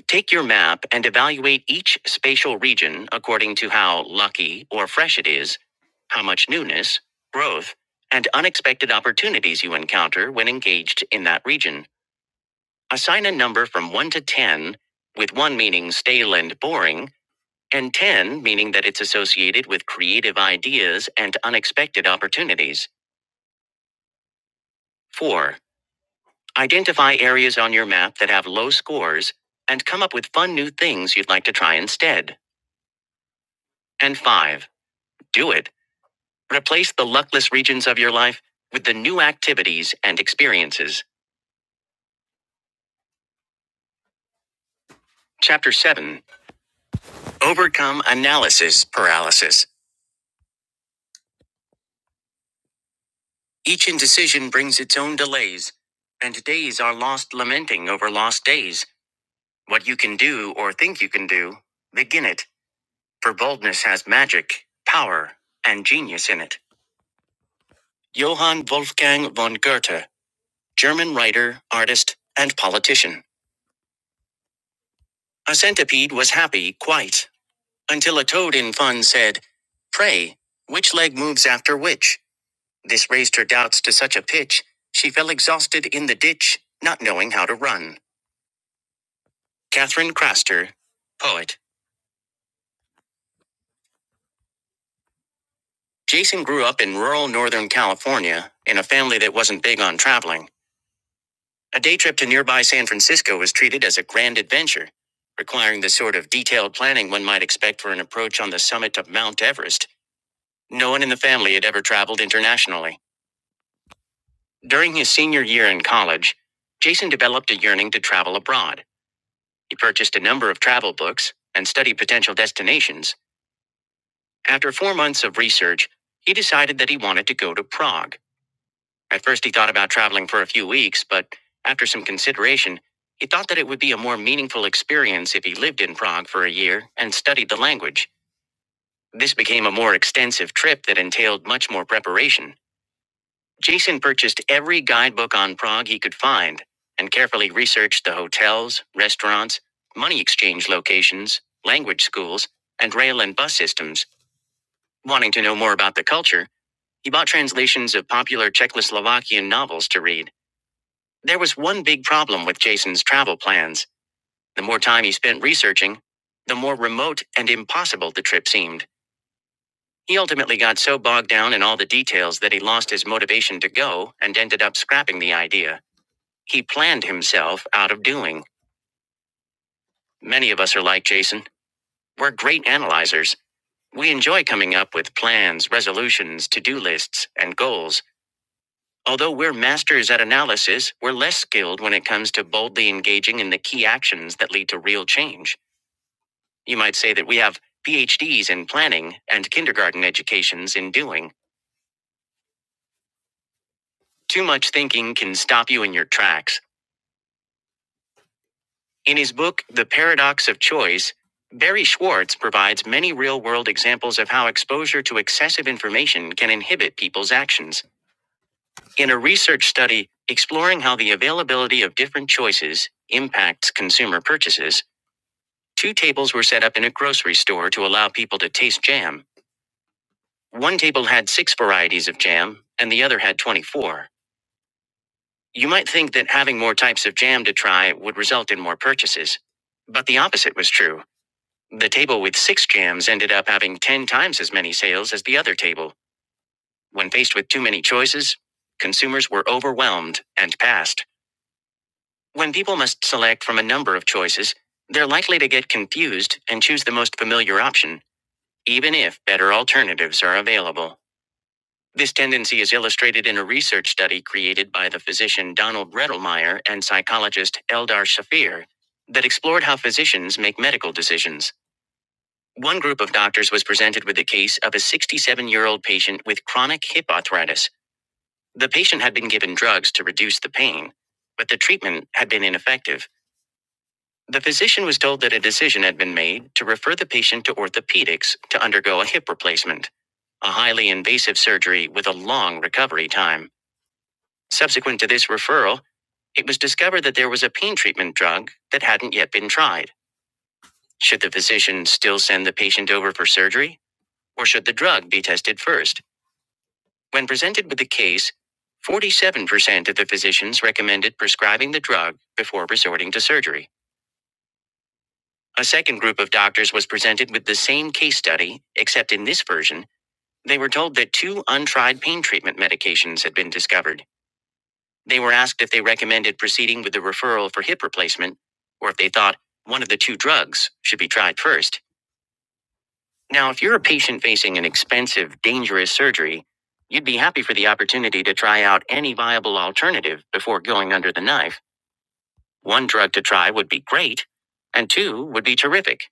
A: Take your map and evaluate each spatial region according to how lucky or fresh it is, how much newness, growth, and unexpected opportunities you encounter when engaged in that region. Assign a number from 1 to 10, with 1 meaning stale and boring, and 10 meaning that it's associated with creative ideas and unexpected opportunities. 4. Identify areas on your map that have low scores and come up with fun new things you'd like to try instead. And 5. Do it. Replace the luckless regions of your life with the new activities and experiences. Chapter 7 Overcome Analysis Paralysis. Each indecision brings its own delays, and days are lost lamenting over lost days. What you can do or think you can do, begin it, for boldness has magic, power, and genius in it. Johann Wolfgang von Goethe, German writer, artist, and politician. A centipede was happy, quite, until a toad in fun said, Pray, which leg moves after which? This raised her doubts to such a pitch, she fell exhausted in the ditch, not knowing how to run. Catherine Craster, poet. Jason grew up in rural Northern California, in a family that wasn't big on traveling. A day trip to nearby San Francisco was treated as a grand adventure, requiring the sort of detailed planning one might expect for an approach on the summit of Mount Everest. No one in the family had ever traveled internationally. During his senior year in college, Jason developed a yearning to travel abroad. He purchased a number of travel books and studied potential destinations. After four months of research, he decided that he wanted to go to Prague. At first, he thought about traveling for a few weeks, but after some consideration, he thought that it would be a more meaningful experience if he lived in Prague for a year and studied the language. This became a more extensive trip that entailed much more preparation. Jason purchased every guidebook on Prague he could find and carefully researched the hotels, restaurants, money exchange locations, language schools, and rail and bus systems. Wanting to know more about the culture, he bought translations of popular Czechoslovakian novels to read. There was one big problem with Jason's travel plans. The more time he spent researching, the more remote and impossible the trip seemed. He ultimately got so bogged down in all the details that he lost his motivation to go and ended up scrapping the idea. He planned himself out of doing. Many of us are like Jason. We're great analyzers. We enjoy coming up with plans, resolutions, to do lists, and goals. Although we're masters at analysis, we're less skilled when it comes to boldly engaging in the key actions that lead to real change. You might say that we have PhDs in planning and kindergarten educations in doing. Too much thinking can stop you in your tracks. In his book, The Paradox of Choice, Barry Schwartz provides many real world examples of how exposure to excessive information can inhibit people's actions. In a research study exploring how the availability of different choices impacts consumer purchases, two tables were set up in a grocery store to allow people to taste jam. One table had six varieties of jam, and the other had 24. You might think that having more types of jam to try would result in more purchases. But the opposite was true. The table with six jams ended up having 10 times as many sales as the other table. When faced with too many choices, consumers were overwhelmed and passed. When people must select from a number of choices, they're likely to get confused and choose the most familiar option, even if better alternatives are available. This tendency is illustrated in a research study created by the physician Donald Rettelmeyer and psychologist Eldar Shafir that explored how physicians make medical decisions. One group of doctors was presented with the case of a 67 year old patient with chronic hip arthritis. The patient had been given drugs to reduce the pain, but the treatment had been ineffective. The physician was told that a decision had been made to refer the patient to orthopedics to undergo a hip replacement, a highly invasive surgery with a long recovery time. Subsequent to this referral, it was discovered that there was a pain treatment drug that hadn't yet been tried. Should the physician still send the patient over for surgery, or should the drug be tested first? When presented with the case, 47% of the physicians recommended prescribing the drug before resorting to surgery. A second group of doctors was presented with the same case study, except in this version, they were told that two untried pain treatment medications had been discovered. They were asked if they recommended proceeding with the referral for hip replacement or if they thought one of the two drugs should be tried first. Now, if you're a patient facing an expensive, dangerous surgery, you'd be happy for the opportunity to try out any viable alternative before going under the knife. One drug to try would be great, and two would be terrific.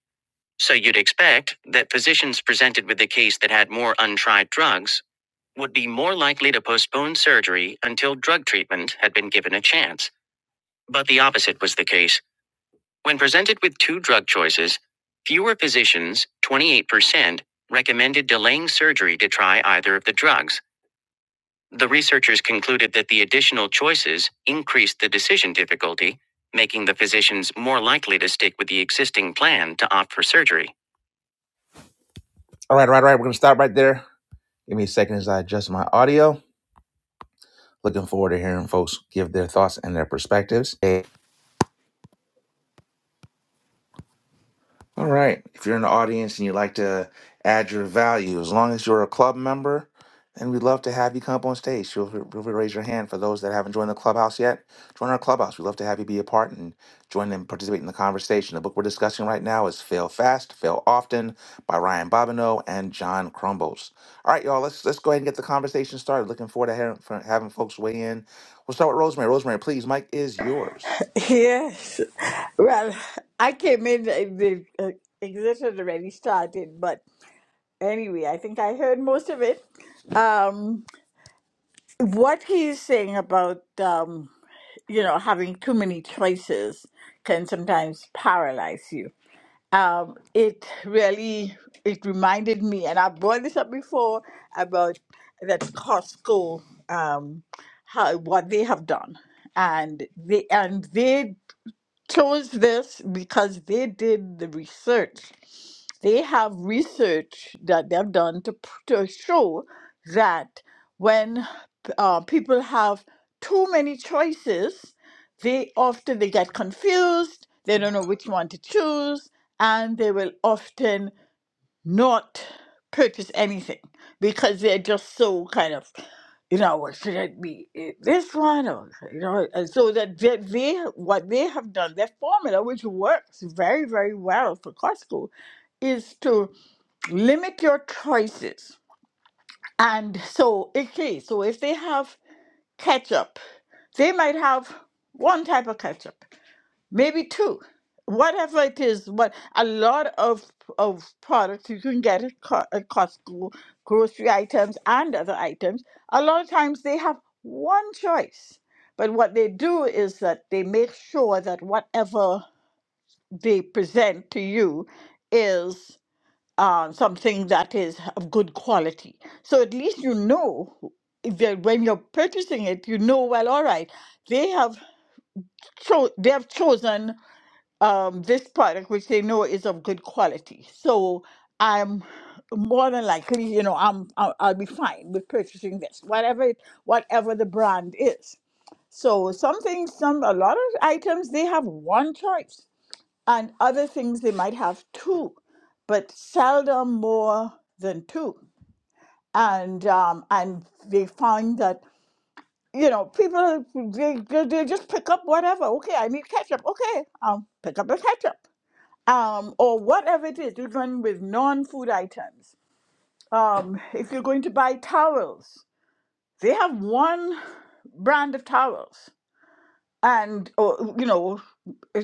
A: So you'd expect that physicians presented with a case that had more untried drugs would be more likely to postpone surgery until drug treatment had been given a chance. But the opposite was the case. When presented with two drug choices, fewer physicians, 28%, recommended delaying surgery to try either of the drugs. The researchers concluded that the additional choices increased the decision difficulty, making the physicians more likely to stick with the existing plan to opt for surgery. All right, all right, all right. We're going to stop right there. Give me a second as I adjust my audio. Looking forward to hearing folks give their thoughts and their perspectives. Hey. All right. If you're in the audience and you'd like to add your value, as long as you're a club member, then we'd love to have you come up on stage. Feel free feel free to raise your hand for those that haven't joined the clubhouse yet. Join our clubhouse. We'd love to have you be a part and join and participate in the conversation. The book we're discussing right now is Fail Fast, Fail Often by Ryan Bobineau and John Crumbles. All right, y'all, let's let's go ahead and get the conversation started. Looking forward to hearing, for having folks weigh in. We'll start with Rosemary. Rosemary, please, Mike is yours.
H: Yes. Well, I came in, and the uh, exit had already started, but anyway, I think I heard most of it. Um, what he's saying about, um, you know, having too many choices can sometimes paralyze you. Um, it really, it reminded me, and I've brought this up before about that Costco, um, how, what they have done. And they, and they chose this because they did the research. They have research that they've done to, p- to show that when uh, people have too many choices, they often they get confused. They don't know which one to choose, and they will often not purchase anything because they're just so kind of, you know, "Well, should it be eh, this one or you know, and so that they, they what they have done, their formula, which works very very well for Costco, is to limit your choices. And so, okay, so if they have ketchup, they might have one type of ketchup maybe two whatever it is but a lot of of products you can get at Co- at costco grocery items and other items a lot of times they have one choice but what they do is that they make sure that whatever they present to you is um, something that is of good quality so at least you know that when you're purchasing it you know well all right they have cho- they have chosen um, this product, which they know is of good quality. So I'm more than likely, you know, I'm I'll, I'll be fine with purchasing this, whatever it, whatever the brand is. So some things, some a lot of items they have one choice, and other things they might have two, but seldom more than two. And um, and they find that you know people they, they they just pick up whatever. Okay, I need ketchup. Okay, I'll pick up the ketchup um, or whatever it is, you're with non-food items. Um, if you're going to buy towels, they have one brand of towels, and or, you know,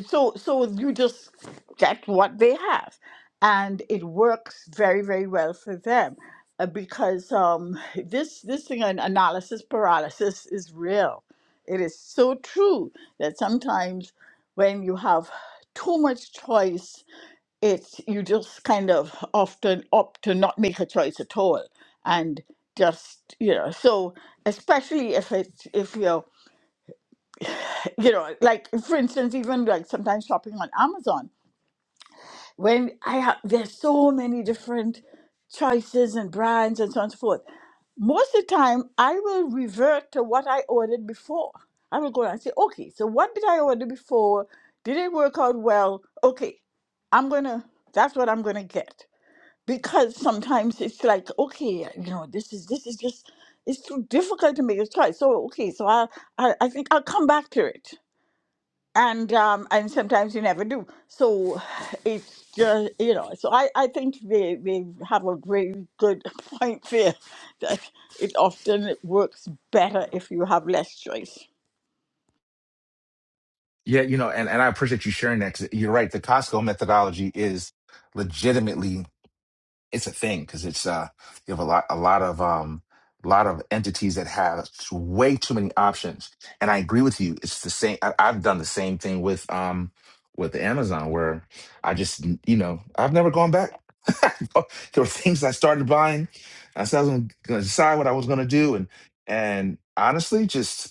H: so so you just get what they have, and it works very very well for them uh, because um, this this thing an analysis paralysis is real. It is so true that sometimes when you have too much choice it's you just kind of often opt to not make a choice at all and just you know so especially if it's if you're you know like for instance even like sometimes shopping on amazon when i have there's so many different choices and brands and so on and so forth most of the time i will revert to what i ordered before i will go and say okay so what did i order before did it work out well okay i'm gonna that's what i'm gonna get because sometimes it's like okay you know this is this is just it's too difficult to make a choice so okay so i i, I think i'll come back to it and um and sometimes you never do so it's just you know so i i think they they have a very good point there that it often works better if you have less choice
A: Yeah, you know, and, and I appreciate you sharing that. 'cause you're right. The Costco methodology is legitimately it's a thing because it's uh you have a lot a lot of um a lot of entities that have way too many options. And I agree with you. It's the same. I, I've done the same thing with um with Amazon where I just you know I've never gone back. there were things I started buying. I said I was going to decide what I was going to do, and and honestly, just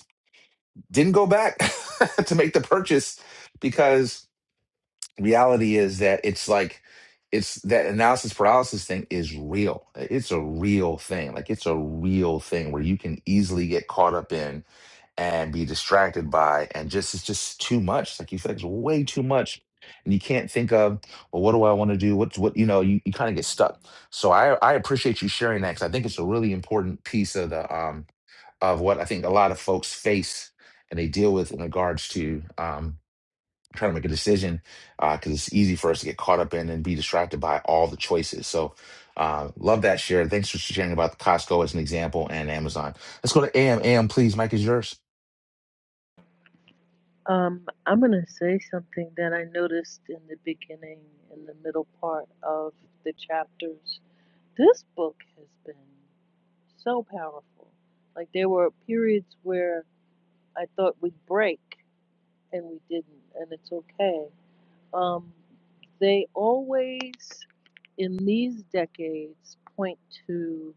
A: didn't go back to make the purchase because reality is that it's like it's that analysis paralysis thing is real. It's a real thing. Like it's a real thing where you can easily get caught up in and be distracted by and just it's just too much. Like you feel like it's way too much. And you can't think of, well, what do I want to do? What's what you know, you, you kind of get stuck. So I I appreciate you sharing that because I think it's a really important piece of the um of what I think a lot of folks face and they deal with in regards to um, trying to make a decision because it's easy for us to get caught up in and be distracted by all the choices. So, uh, love that share. Thanks for sharing about Costco as an example and Amazon. Let's go to AM. please. Mike is yours.
E: Um, I'm going to say something that I noticed in the beginning, in the middle part of the chapters. This book has been so powerful. Like there were periods where I thought we'd break and we didn't, and it's okay. Um, they always, in these decades, point to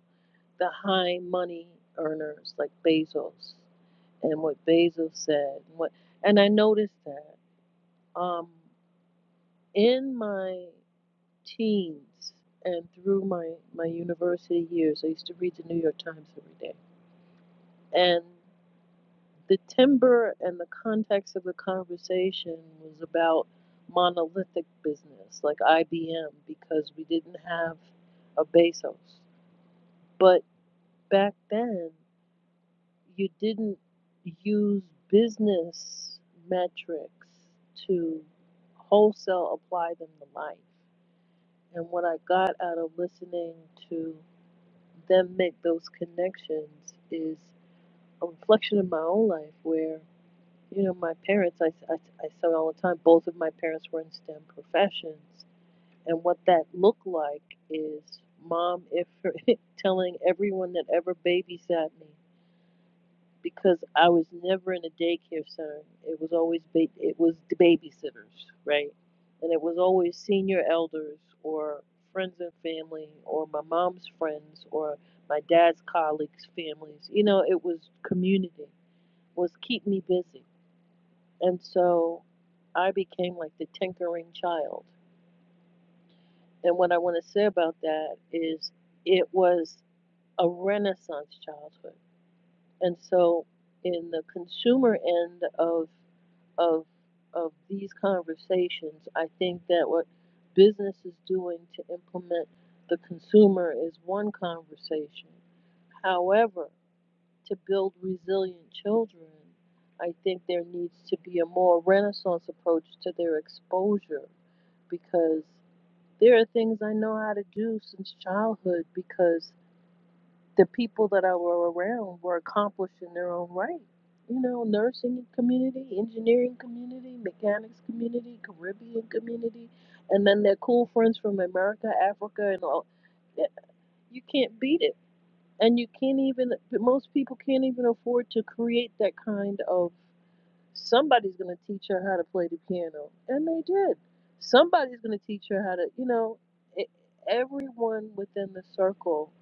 E: the high money earners like Bezos and what Bezos said. And what, and I noticed that um, in my teens and through my my university years, I used to read the New York Times every day, and the timber and the context of the conversation was about monolithic business like IBM because we didn't have a Bezos. But back then, you didn't use business metrics to wholesale apply them to life. And what I got out of listening to them make those connections is a reflection of my own life where. You know, my parents, I, I, I say all the time, both of my parents were in STEM professions. And what that looked like is mom if telling everyone that ever babysat me because I was never in a daycare center. It was always ba- it was the babysitters, right? And it was always senior elders or friends and family or my mom's friends or my dad's colleagues' families. You know, it was community was keep me busy. And so I became like the tinkering child. And what I want to say about that is it was a renaissance childhood. And so in the consumer end of of of these conversations, I think that what business is doing to implement the consumer is one conversation. However, to build resilient children, I think there needs to be a more renaissance approach to their exposure because there are things I know how to do since childhood because the people that I were around were accomplished in their own right. You know, nursing community, engineering community, mechanics community, Caribbean community, and then their cool friends from America, Africa, and all. Yeah, You can't beat it. And you can't even, most people can't even afford to create that kind of somebody's going to teach her how to play the piano and they did somebody's going to teach her how to you know it, everyone within the circle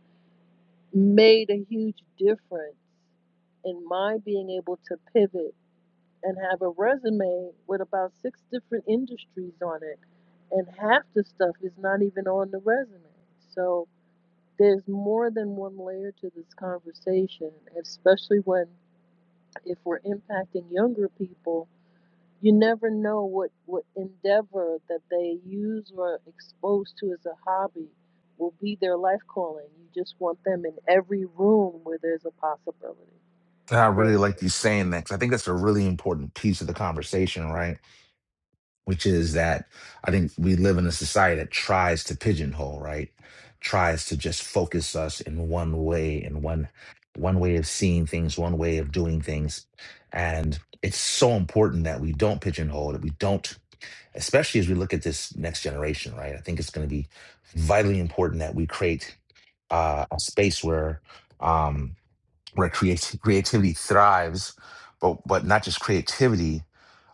E: made a huge difference in my being able to pivot and have a resume with about six different industries on it and half the stuff is not even on the resume so there's more than one layer to this conversation especially when if we're impacting younger people you never know what what endeavor that they use or are exposed to as a hobby will be their life calling. You just want them in every room where there's a possibility.
A: I really
E: Thank
A: like
E: you.
A: these saying next. I think that's a really important piece of the conversation, right? which is that I think we live in a society that tries to pigeonhole, right? Tries to just focus us in one way, in one one way of seeing things, one way of doing things. And it's so important that we don't pigeonhole, that we don't, especially as we look at this next generation, right? I think it's going to be vitally important that we create uh, a space where um, where creat- creativity thrives, but but not just creativity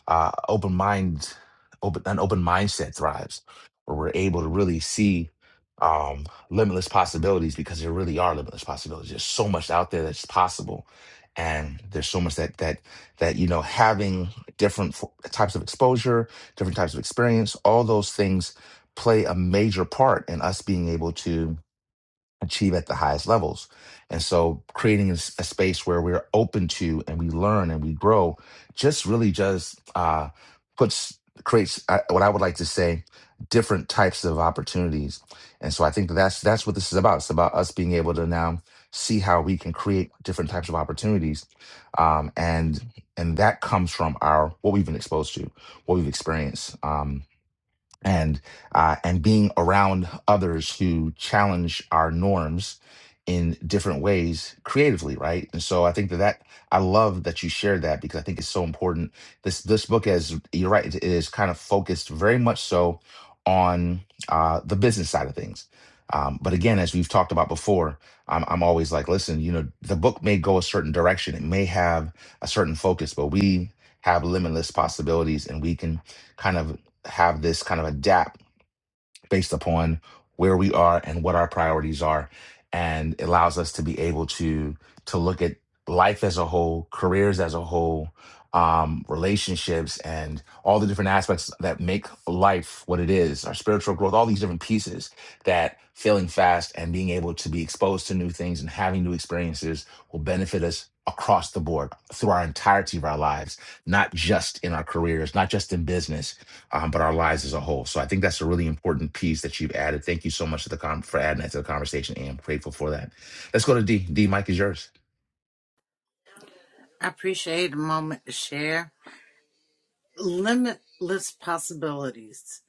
A: uh, open mind, open an open mindset thrives, where we're able to really see um, limitless possibilities because there really are limitless possibilities. There's so much out there that's possible, and there's so much that that that you know having different fo- types of exposure, different types of experience, all those things play a major part in us being able to achieve at the highest levels. And so creating a, s- a space where we're open to and we learn and we grow just really just uh, puts creates uh, what I would like to say different types of opportunities. And so I think that's that's what this is about. It's about us being able to now see how we can create different types of opportunities. Um, and and that comes from our what we've been exposed to, what we've experienced. Um, and uh, and being around others who challenge our norms in different ways creatively right and so i think that that i love that you shared that because i think it's so important this this book is you're right it is kind of focused very much so on uh, the business side of things um, but again as we've talked about before I'm, I'm always like listen you know the book may go a certain direction it may have a certain focus but we have limitless possibilities and we can kind of have this kind of adapt based upon where we are and what our priorities are and it allows us to be able to to look at life as a whole careers as a whole um, relationships and all the different aspects that make life what it is our spiritual growth all these different pieces that failing fast and being able to be exposed to new things and having new experiences will benefit us across the board through our entirety of our lives not just in our careers not just in business um, but our lives as a whole. So I think that's a really important piece that you've added. Thank you so much to the com- for adding that to the conversation, and I'm grateful for that. Let's go to D. D. Mike is yours.
B: I appreciate a moment to share. Limitless possibilities.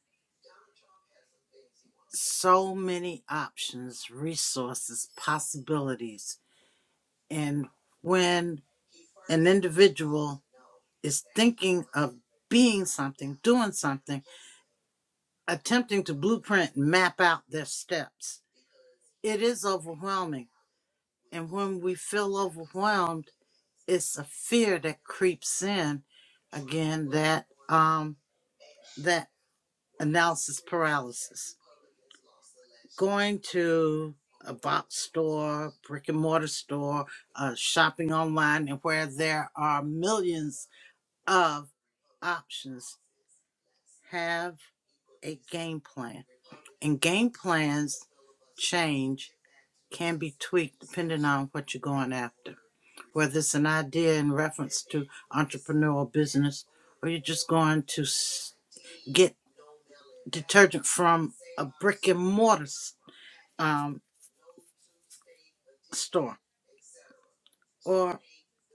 B: So many options, resources, possibilities. And when an individual is thinking of being something, doing something, attempting to blueprint and map out their steps, it is overwhelming. And when we feel overwhelmed, it's a fear that creeps in again that um that analysis paralysis. Going to a box store, brick and mortar store, uh, shopping online, and where there are millions of options, have a game plan. And game plans change, can be tweaked depending on what you're going after. Whether it's an idea in reference to entrepreneurial business, or you're just going to get detergent from a brick and mortar um, store or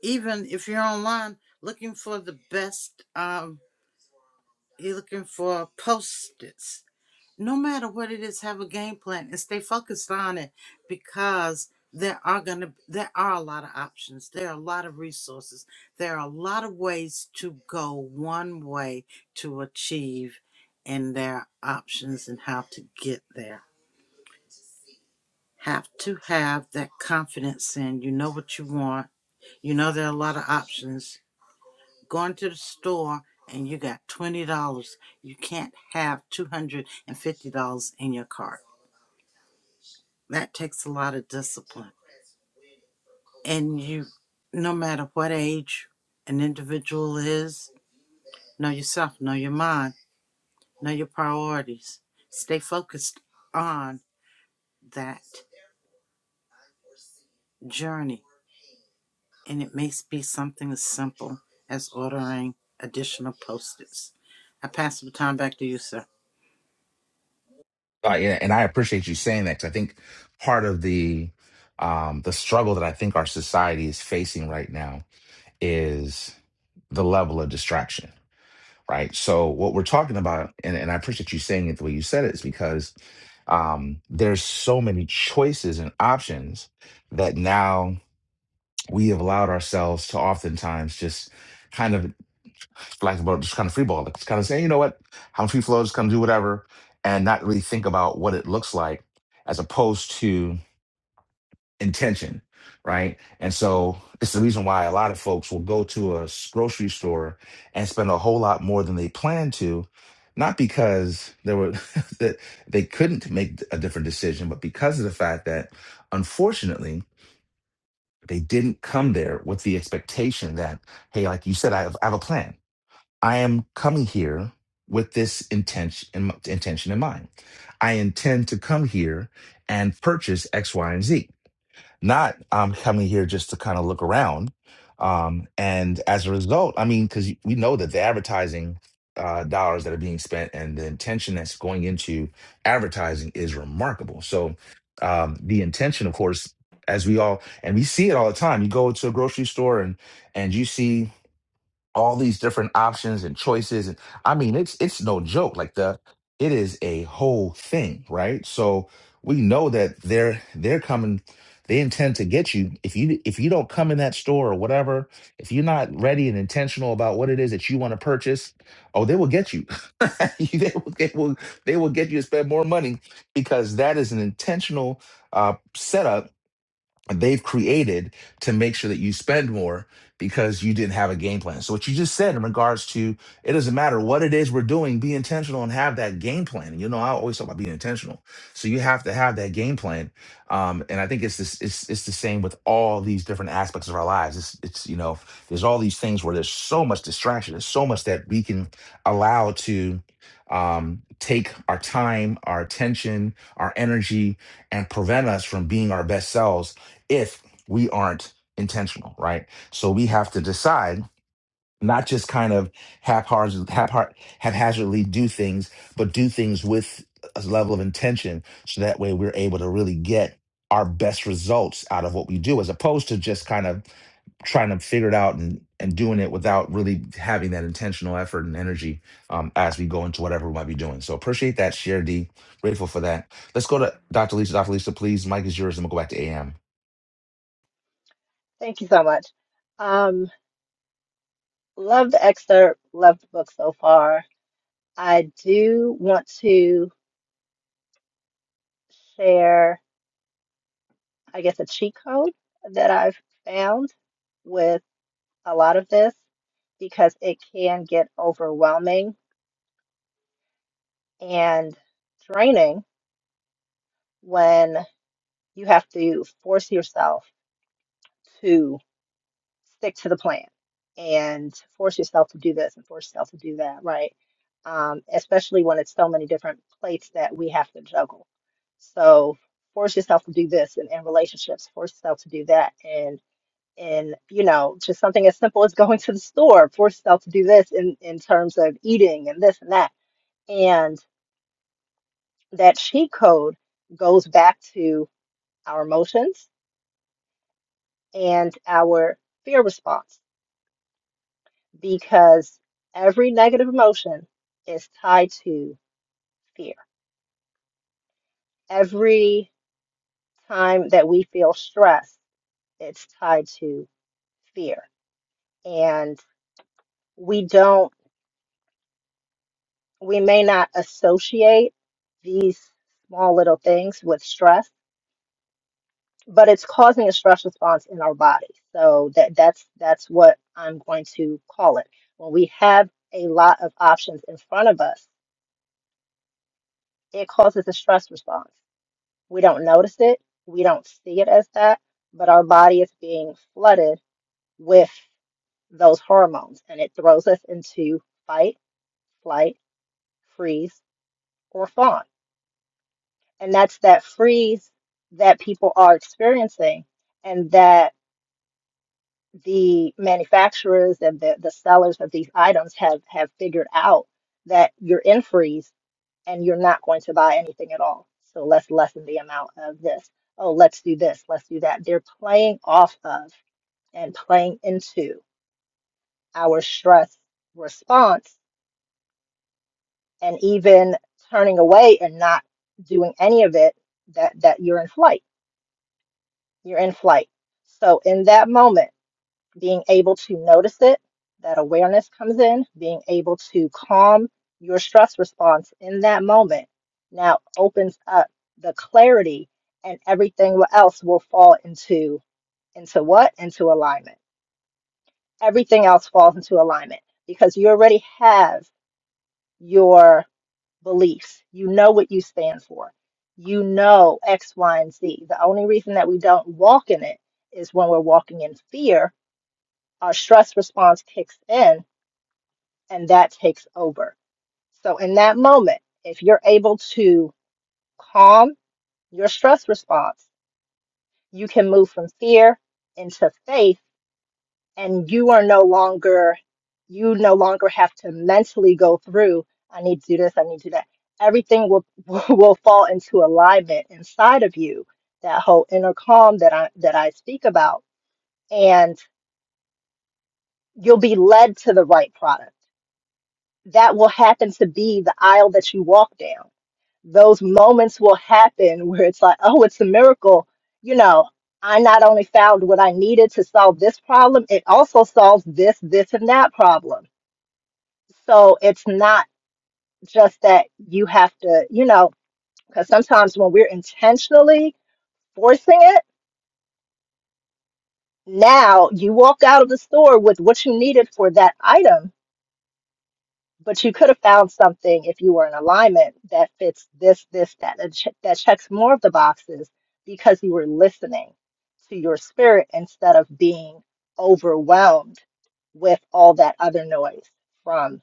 B: even if you're online looking for the best um you're looking for post-its no matter what it is have a game plan and stay focused on it because there are gonna there are a lot of options there are a lot of resources there are a lot of ways to go one way to achieve and there are options and how to get there have to have that confidence in you know what you want you know there are a lot of options going to the store and you got $20, you can't have $250 in your cart. That takes a lot of discipline. And you, no matter what age an individual is, know yourself, know your mind, know your priorities. Stay focused on that journey. And it may be something as simple as ordering additional post-its. I pass the time back to you, sir.
A: Uh, yeah, and I appreciate you saying that because I think part of the um, the struggle that I think our society is facing right now is the level of distraction. Right. So what we're talking about, and, and I appreciate you saying it the way you said it, is because um, there's so many choices and options that now we have allowed ourselves to oftentimes just kind of for lack of a better- just kind of freeball it. Just kind of say, you know what, I'm free flow, just kind of do whatever, and not really think about what it looks like as opposed to intention, right? And so it's the reason why a lot of folks will go to a s- grocery store and spend a whole lot more than they plan to, not because there were that they couldn't make a different decision, but because of the fact that unfortunately they didn't come there with the expectation that, hey, like you said, I have, I have a plan. I am coming here with this intention intention in mind. I intend to come here and purchase X, Y, and Z not um, coming here just to kind of look around. Um, and as a result, I mean, because we know that the advertising uh, dollars that are being spent and the intention that's going into advertising is remarkable. So um, the intention, of course, as we all and we see it all the time. You go to a grocery store and and you see all these different options and choices and i mean it's it's no joke like the it is a whole thing right so we know that they're they're coming they intend to get you if you if you don't come in that store or whatever if you're not ready and intentional about what it is that you want to purchase oh they will get you they, will, they will they will get you to spend more money because that is an intentional uh setup they've created to make sure that you spend more because you didn't have a game plan. So what you just said in regards to it doesn't matter what it is we're doing, be intentional and have that game plan. And you know, I always talk about being intentional. So you have to have that game plan. Um, and I think it's this it's it's the same with all these different aspects of our lives. It's it's you know, there's all these things where there's so much distraction, there's so much that we can allow to um take our time, our attention, our energy, and prevent us from being our best selves if we aren't intentional, right? So we have to decide not just kind of haphaz- haphar- haphazardly do things, but do things with a level of intention so that way we're able to really get our best results out of what we do as opposed to just kind of trying to figure it out and, and doing it without really having that intentional effort and energy um, as we go into whatever we might be doing. So appreciate that, Share D. Grateful for that. Let's go to Dr. Lisa. Dr. Lisa, please. Mike is yours and we'll go back to AM.
I: Thank you so much. Um, love the excerpt, love the book so far. I do want to share, I guess, a cheat code that I've found with a lot of this because it can get overwhelming and draining when you have to force yourself to. stick to the plan and force yourself to do this and force yourself to do that, right? Um, especially when it's so many different plates that we have to juggle. So force yourself to do this in, in relationships, force yourself to do that and and you know, just something as simple as going to the store, force yourself to do this in, in terms of eating and this and that. And that cheat code goes back to our emotions and our fear response because every negative emotion is tied to fear. Every time that we feel stress, it's tied to fear. And we don't, we may not associate these small little things with stress, but it's causing a stress response in our body. So that that's that's what I'm going to call it. When we have a lot of options in front of us, it causes a stress response We don't notice it, we don't see it as that, but our body is being flooded with those hormones and it throws us into fight, flight, freeze, or fawn. And that's that freeze that people are experiencing and that the manufacturers and the, the sellers of these items have have figured out that you're in freeze and you're not going to buy anything at all. So let's lessen the amount of this. Oh, let's do this, let's do that. They're playing off of and playing into our stress response and even turning away and not doing any of it that that you're in flight. You're in flight. So in that moment being able to notice it, that awareness comes in, being able to calm your stress response in that moment now opens up the clarity and everything else will fall into into what? Into alignment. Everything else falls into alignment because you already have your beliefs. You know what you stand for. You know X, Y, and Z. The only reason that we don't walk in it is when we're walking in fear, our stress response kicks in and that takes over. So, in that moment, if you're able to calm your stress response, you can move from fear into faith, and you are no longer, you no longer have to mentally go through, I need to do this, I need to do that. Everything will, will fall into alignment inside of you, that whole inner calm that I, that I speak about, and you'll be led to the right product. That will happen to be the aisle that you walk down those moments will happen where it's like, oh, it's a miracle. You know, I not only found what I needed to solve this problem, it also solves this, this, and that problem. So it's not just that you have to, you know, because sometimes when we're intentionally forcing it, now you walk out of the store with what you needed for that item but you could have found something if you were in alignment that fits this, this, that, that, che- that checks more of the boxes because you were listening to your spirit instead of being overwhelmed with all that other noise from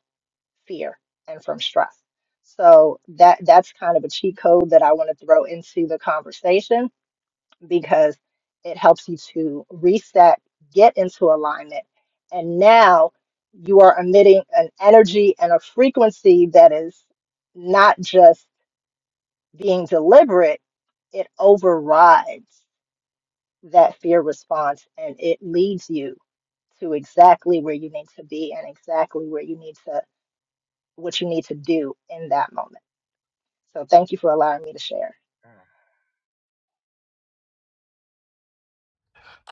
I: fear and from stress. So that that's kind of a cheat code that I want to throw into the conversation because it helps you to reset, get into alignment. And now you are emitting an energy and a frequency that is not just being deliberate, it overrides that fear response and it leads you to exactly where you need to be and exactly where you need to, what you need to do in that moment. So thank you for allowing me to share.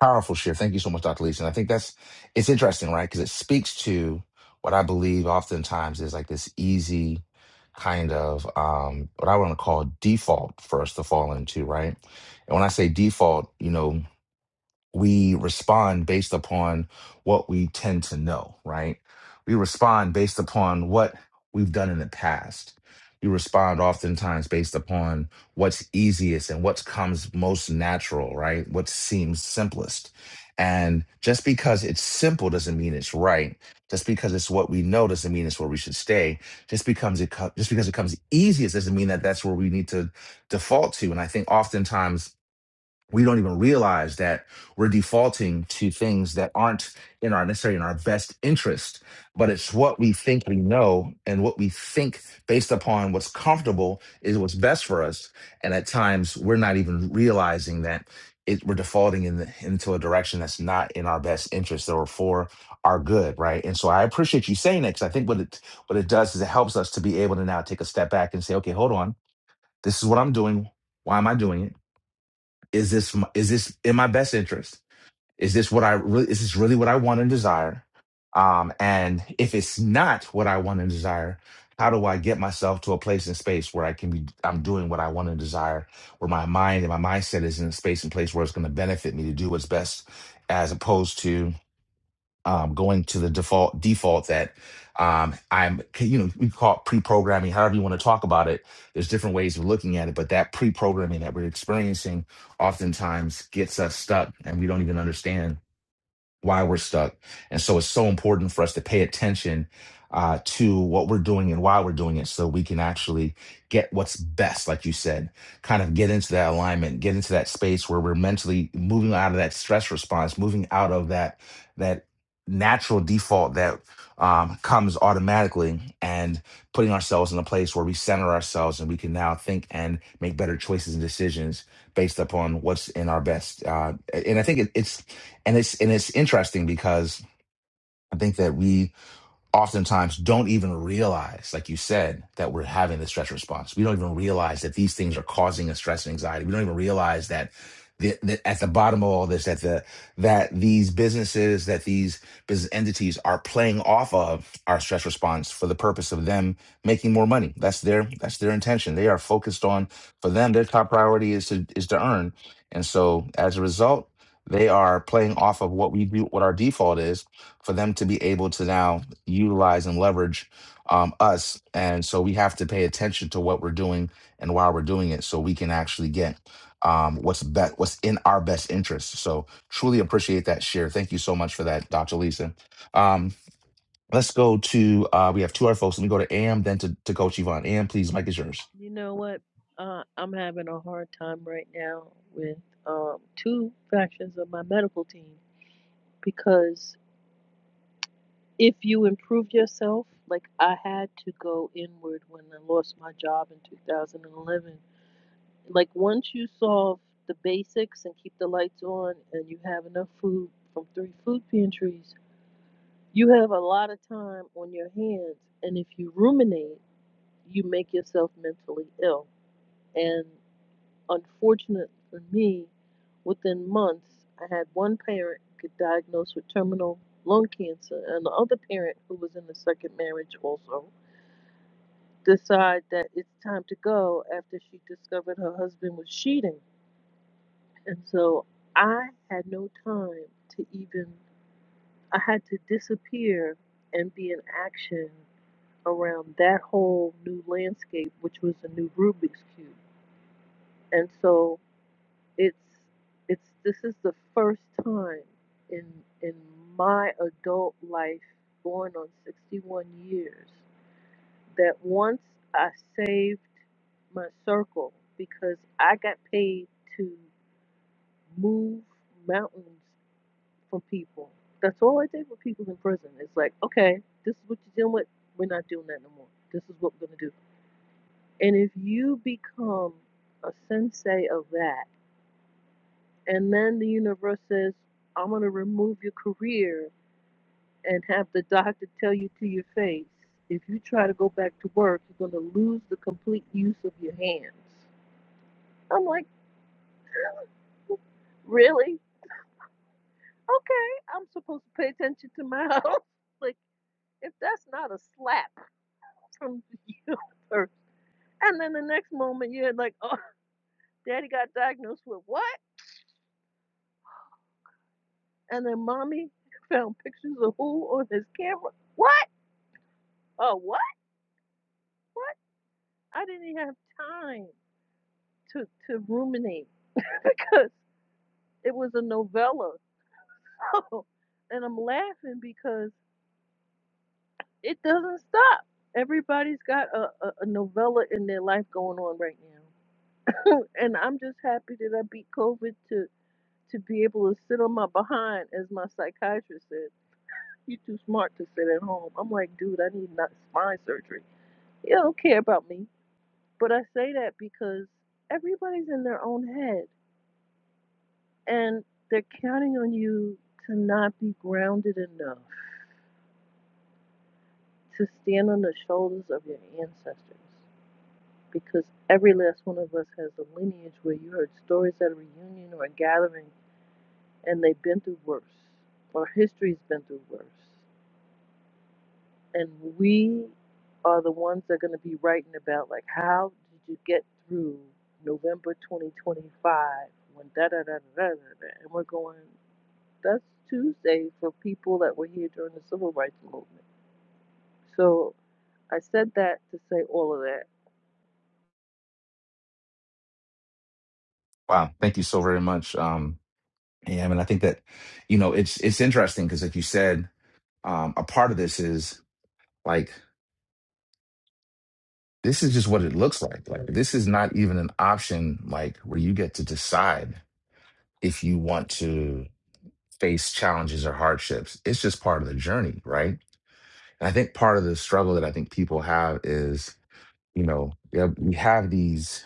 A: Powerful share. Thank you so much, Dr. Leeson. I think that's it's interesting, right? Because it speaks to what I believe oftentimes is like this easy kind of um, what I want to call default for us to fall into, right? And when I say default, you know we respond based upon what we tend to know, right? We respond based upon what we've done in the past. We respond oftentimes based upon what's easiest and what comes most natural, right? What seems simplest. And just because it's simple doesn't mean it's right. Just because it's what we know doesn't mean it's where we should stay. Just becomes it co- just because it comes easiest doesn't mean that that's where we need to default to. And I think oftentimes we don't even realize that we're defaulting to things that aren't in our necessarily in our best interest but it's what we think we know and what we think based upon what's comfortable is what's best for us and at times we're not even realizing that it, we're defaulting in the, into a direction that's not in our best interest or for our good right and so i appreciate you saying that because i think what it what it does is it helps us to be able to now take a step back and say okay hold on this is what i'm doing why am i doing it is this m- is this in my best interest is this what i really is this really what i want and desire um and if it's not what i want and desire how do i get myself to a place and space where i can be i'm doing what i want and desire where my mind and my mindset is in a space and place where it's going to benefit me to do what's best as opposed to um, going to the default default that um, I'm, you know, we call it pre-programming, however you want to talk about it. There's different ways of looking at it, but that pre-programming that we're experiencing oftentimes gets us stuck, and we don't even understand why we're stuck. And so it's so important for us to pay attention uh, to what we're doing and why we're doing it so we can actually get what's best, like you said, kind of get into that alignment, get into that space where we're mentally moving out of that stress response, moving out of that that natural default that um, comes automatically and putting ourselves in a place where we center ourselves and we can now think and make better choices and decisions based upon what's in our best. Uh, and I think it, it's and it's and it's interesting because I think that we oftentimes don't even realize, like you said, that we're having the stress response. We don't even realize that these things are causing us stress and anxiety. We don't even realize that the, that at the bottom of all this, that the that these businesses, that these business entities are playing off of our stress response for the purpose of them making more money. That's their that's their intention. They are focused on for them. Their top priority is to is to earn, and so as a result, they are playing off of what we do, what our default is, for them to be able to now utilize and leverage um, us. And so we have to pay attention to what we're doing and why we're doing it so we can actually get um, what's be- what's in our best interest. So truly appreciate that share. Thank you so much for that, Dr. Lisa. Um, let's go to, uh, we have two other folks. Let me go to AM, then to, to Coach Yvonne. AM, please, Mike is yours.
E: You know what? Uh, I'm having a hard time right now with um, two factions of my medical team because if you improve yourself, like I had to go inward when I lost my job in 2011 Like once you solve the basics and keep the lights on and you have enough food from three food pantries, you have a lot of time on your hands and if you ruminate, you make yourself mentally ill. And unfortunate for me, within months I had one parent get diagnosed with terminal lung cancer and the other parent who was in the second marriage also decide that it's time to go after she discovered her husband was cheating And so I had no time to even, I had to disappear and be in action around that whole new landscape, which was a new Rubik's Cube. And so it's, it's, this is the first time in, in my adult life, going on 61 years, that once I saved my circle because I got paid to move mountains for people. That's all I did with people in prison. It's like, okay, this is what you're dealing with. We're not doing that no more. This is what we're going to do. And if you become a sensei of that, and then the universe says, I'm going to remove your career and have the doctor tell you to your face, if you try to go back to work, you're going to lose the complete use of your hands. I'm like, really? Okay, I'm supposed to pay attention to my health. like, if that's not a slap from the universe, And then the next moment, you're like, oh, daddy got diagnosed with what? And then mommy found pictures of who on his camera? What? Oh, what? What? I didn't even have time to, to ruminate because it was a novella. Oh, and I'm laughing because it doesn't stop. Everybody's got a, a, a novella in their life going on right now. and I'm just happy that I beat COVID to, to be able to sit on my behind, as my psychiatrist said you are too smart to sit at home. I'm like, dude, I need not spine surgery. You don't care about me. But I say that because everybody's in their own head and they're counting on you to not be grounded enough to stand on the shoulders of your ancestors. Because every last one of us has a lineage where you heard stories at a reunion or a gathering and they've been through worse, or history's been through worse. And we are the ones that are going to be writing about, like, how did you get through November 2025 when da da da da da da? da, And we're going, that's Tuesday for people that were here during the civil rights movement. So I said that to say all of that
A: Wow. Thank you so very much. Um, AM. And I think that, you know, it's, it's interesting because like you said, um, a part of this is like This is just what it looks like. Like this is not even an option like where you get to decide if you want to face challenges or hardships. It's just part of the journey, right? And I think part of the struggle that I think people have is, you know, yeah, we have these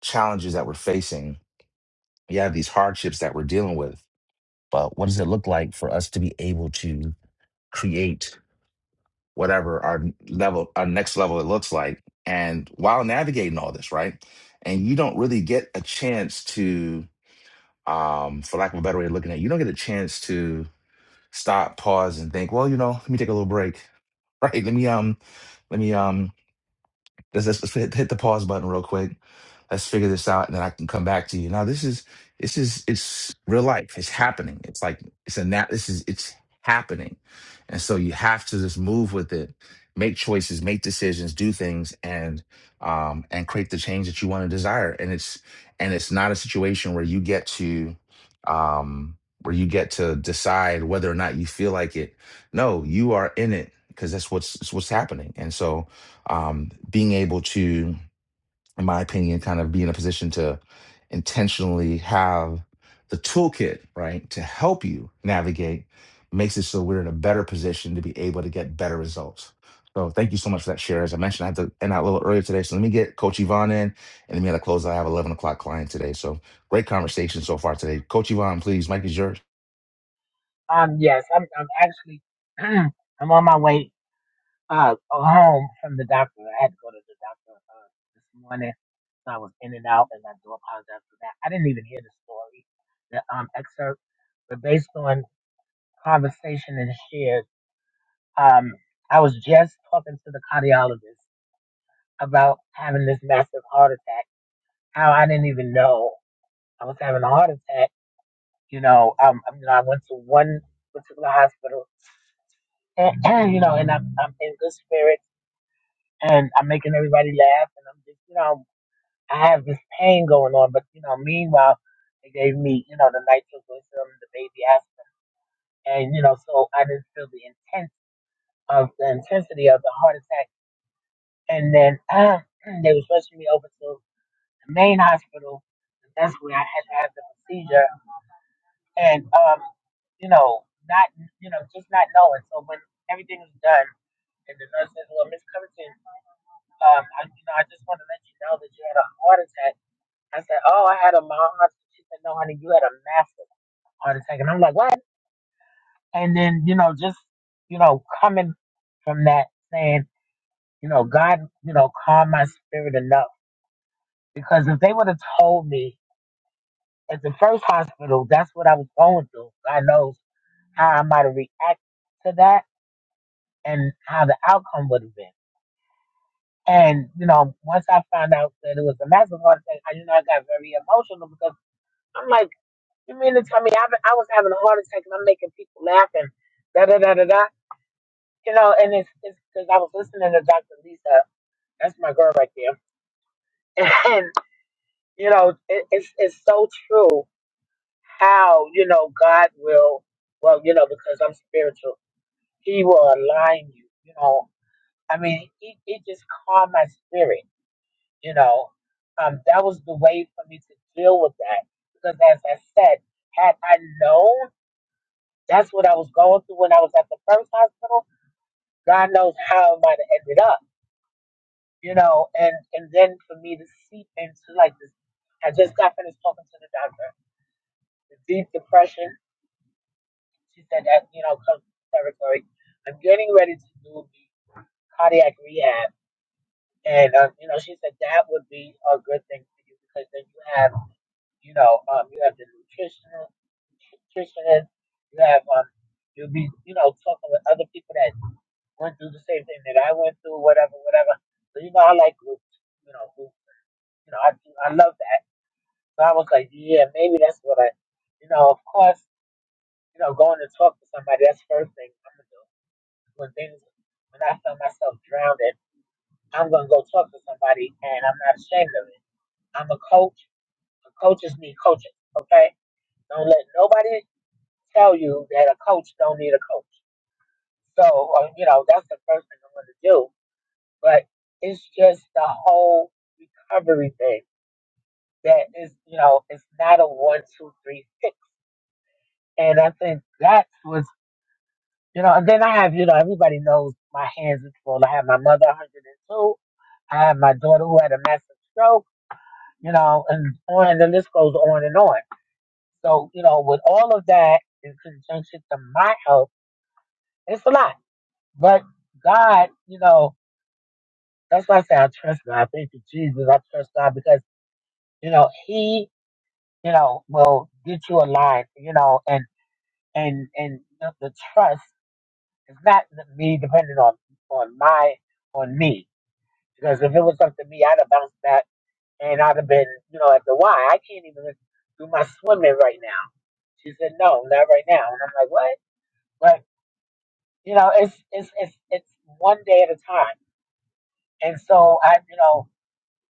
A: challenges that we're facing. We have these hardships that we're dealing with. But what does it look like for us to be able to create? whatever our level, our next level it looks like. And while navigating all this, right? And you don't really get a chance to, um, for lack of a better way of looking at it, you don't get a chance to stop, pause, and think, well, you know, let me take a little break. Right. Let me um let me um Let's, let's, let's hit, hit the pause button real quick. Let's figure this out, and then I can come back to you. Now, this is this is it's real life. It's happening. It's like it's a nat. This is it's happening, and so you have to just move with it, make choices, make decisions, do things, and um and create the change that you want to desire. And it's and it's not a situation where you get to um where you get to decide whether or not you feel like it. No, you are in it because that's what's it's what's happening. And so um, being able to, in my opinion, kind of be in a position to intentionally have the toolkit, right, to help you navigate makes it so we're in a better position to be able to get better results. So thank you so much for that share. As I mentioned, I had to end out a little earlier today. So let me get Coach Yvonne in and then we had to close. I have 11 o'clock client today. So great conversation so far today. Coach Yvonne, please, Mike is yours.
J: Um, yes, I'm. I'm actually. I'm on my way uh home from the doctor. I had to go to the doctor uh, this morning, so I was in and out, and I do apologize for that. I didn't even hear the story, the um excerpt, but based on conversation and shared, um, I was just talking to the cardiologist about having this massive heart attack. How I didn't even know I was having a heart attack. You know, um, you know, I went to one particular hospital And, you know, and I'm, I'm in good spirits and I'm making everybody laugh and I'm just, you know, I have this pain going on, but you know, meanwhile, they gave me, you know, the nitroglycerin, the baby aspirin, and you know, so I didn't feel the intense of the intensity of the heart attack. And then uh, they was rushing me over to the main hospital. And that's where I had to have the procedure. And um, you know, not, you know, just not knowing. So when everything was done, and the nurse says, "Well, Miss Covington." um, I, you know, I just want to let you know that you had a heart attack. I said, oh, I had a mild heart attack. She said, no, honey, you had a massive heart attack. And I'm like, what? And then, you know, just, you know, coming from that saying, you know, God, you know, calm my spirit enough. Because if they would have told me at the first hospital, that's what I was going through. God knows how I might have reacted to that and how the outcome would have been. And, you know, once I found out that it was a massive heart attack, I, you know, I got very emotional because I'm like, You mean to tell me I've, I was having a heart attack and I'm making people laugh and da da da da da? You know, and it's because I was listening to Dr. Lisa. That's my girl right there. And, you know, it, it's, it's so true how, you know, God will, well, you know, because I'm spiritual, He will align you. You know, I mean, it, it just calmed my spirit, you know. Um, that was the way for me to deal with that. Because as I said, had I known That's what I was going through when I was at the first hospital. God knows how I might have ended up, you know. And and then for me to seep into like this, I just got finished talking to the doctor. The deep depression, she said that you know comes with territory. I'm getting ready to do the cardiac rehab, and um, you know she said that would be a good thing for you because then you have you know um you have the nutritional nutritionist, you have um you'll be you know talking with other people that went through the same thing that I went through, whatever, whatever. So you know, I like groups. You know, groups. You know, I I love that. So I was like, yeah, maybe that's what I. You know, of course, you know, going to talk to somebody that's the first thing I'm gonna do. When things, when I feel myself drowning, I'm gonna go talk to somebody, and I'm not ashamed of it. I'm a coach. and Coaches need coaches. Okay, don't let nobody tell you that a coach don't need a coach. So, uh, you know, that's the first thing I'm gonna do but it's just the whole recovery thing that is, you know, it's not a one, two, three, six. And I think that was, you know, and then I have, you know, everybody knows my hands is full. I have my mother, 102. I have my daughter who had a massive stroke, you know, and on, and the list goes on and on. So, you know, with all of that in conjunction to my health, it's a lot. But God, you know, that's why I say I trust God. Thank you, Jesus. I trust God because, you know, He you know, will get you aligned, you know, and and and the, the trust is not the- me depending on on my on me because if it was up to me, I'd have bounced back and I'd have been, you know, at the Y. I can't even do my swimming right now. She said, no, not right now, and I'm like, what? But you know, it's it's it's it's one day at a time, and so I, you know,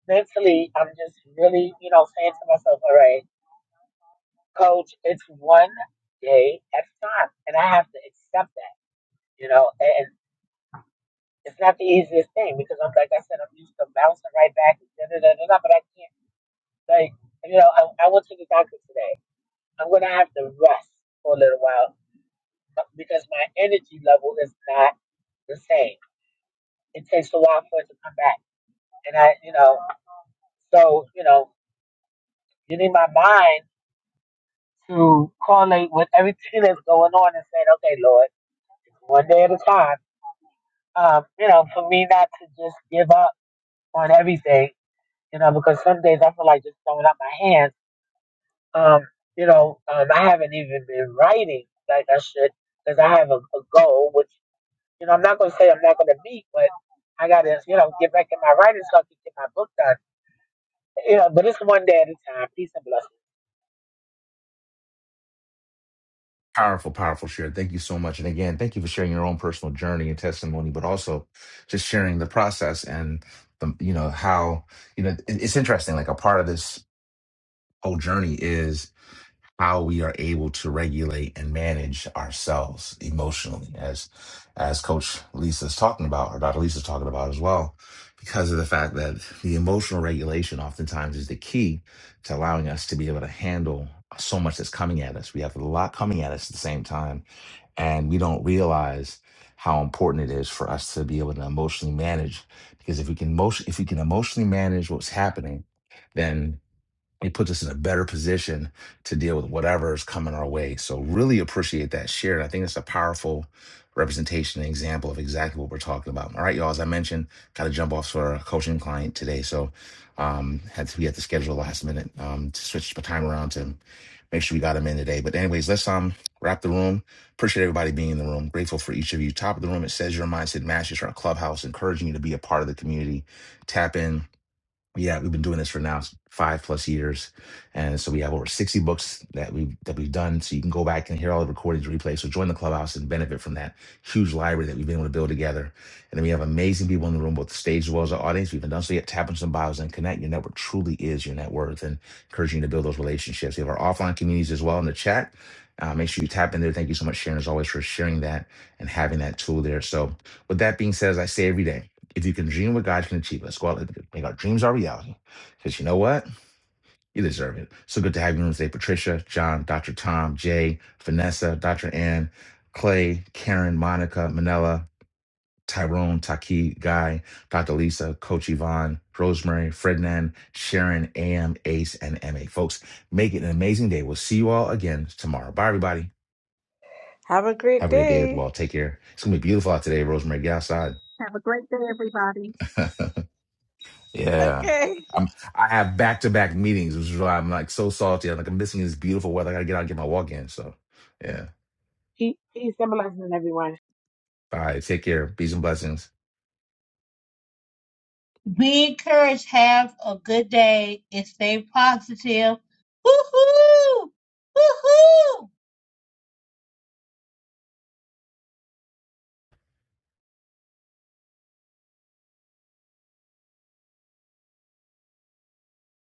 J: mentally, I'm just really, you know, saying to myself, all right. coach, it's one day at a time. And I have to accept that, you know, and it's not the easiest thing because I'm like I said, I'm used to bouncing right back and da da da da, da, but I can't like you know, I, I went to the doctor today. I'm gonna have to rest for a little while because my energy level is not the same. It takes a while for it to come back. And I, you know, so, you know, getting my mind to correlate with everything that's going on and saying, okay, Lord, one day at a time Um, you know, for me not to just give up on everything, you know, because some days I feel like just throwing up my hands. Um, you know, um, I haven't even been writing like I should because I have a, a goal, which, you know, I'm not going to say I'm not going to meet, but I got to, you know, get back in my writing so I can get my book done. You know, but it's one day at a time. Peace and blessings.
A: Powerful, powerful share. Thank you so much. And again, thank you for sharing your own personal journey and testimony, but also just sharing the process and the, you know, how, you know, it- it's interesting. Like a part of this whole journey is how we are able to regulate and manage ourselves emotionally as, as coach Lisa's talking about, or Dr. Lisa's talking about as well, because of the fact that the emotional regulation oftentimes is the key to allowing us to be able to handle so much that's coming at us. We have a lot coming at us at the same time and we don't realize how important it is for us to be able to emotionally manage because if we can motion if we can emotionally manage what's happening then it puts us in a better position to deal with whatever is coming our way. So really appreciate that share. And I think it's a powerful representation and example of exactly what we're talking about. All right, y'all. As I mentioned, got to jump off for a coaching client today. So um had to we had to schedule last minute um to switch the time around to make sure we got him in today. But anyways, let's um wrap the room. Appreciate everybody being in the room. Grateful for each of you. Top of the room, it says your mindset matches our clubhouse, encouraging you to be a part of the community. Tap in yeah, we've been doing this for now s- five plus years, and so we have over sixty books that we that we've done. So you can go back and hear all the recordings, replays. So join the clubhouse and benefit from that huge library that we've been able to build together. And then we have amazing people in the room, both the stage as well as the audience. We've been done so yet. Tap on some bios and connect. Your network truly is your net worth, and encouraging you to build those relationships. We have our offline communities as well in the chat. Uh, make sure you tap in there. Thank you so much, Sharon, as always, for sharing that and having that tool there. So, with that being said, as I say every day. If you can dream what God can achieve, let's go out and make our dreams our reality. Because you know what? You deserve it. So good to have you on today, Patricia, John, Dr. Tom, Jay, Vanessa, Dr. Ann, Clay, Karen, Monica, Manella, Tyrone, Taki, Guy, Dr. Lisa, Coach Yvonne, Rosemary, Frednan, Sharon, AM, Ace, and MA. Folks, make it an amazing day. We'll see you all again tomorrow. Bye, everybody.
H: have a great
A: Have a great day as well.
H: day
A: Take care. It's going to be beautiful out today, Rosemary. Get outside.
G: Have a great day, everybody.
A: Yeah.
H: okay
A: I'm I have back to back meetings, which is why I'm like so salty. I'm like I'm missing this beautiful weather. I gotta get out and get my walk in. So yeah.
J: Peace, peace and blessings, everyone.
A: All right. Take care. Peace and blessings.
C: Be encouraged. Have a good day and stay positive. Hoo-hoo! Hoo-hoo!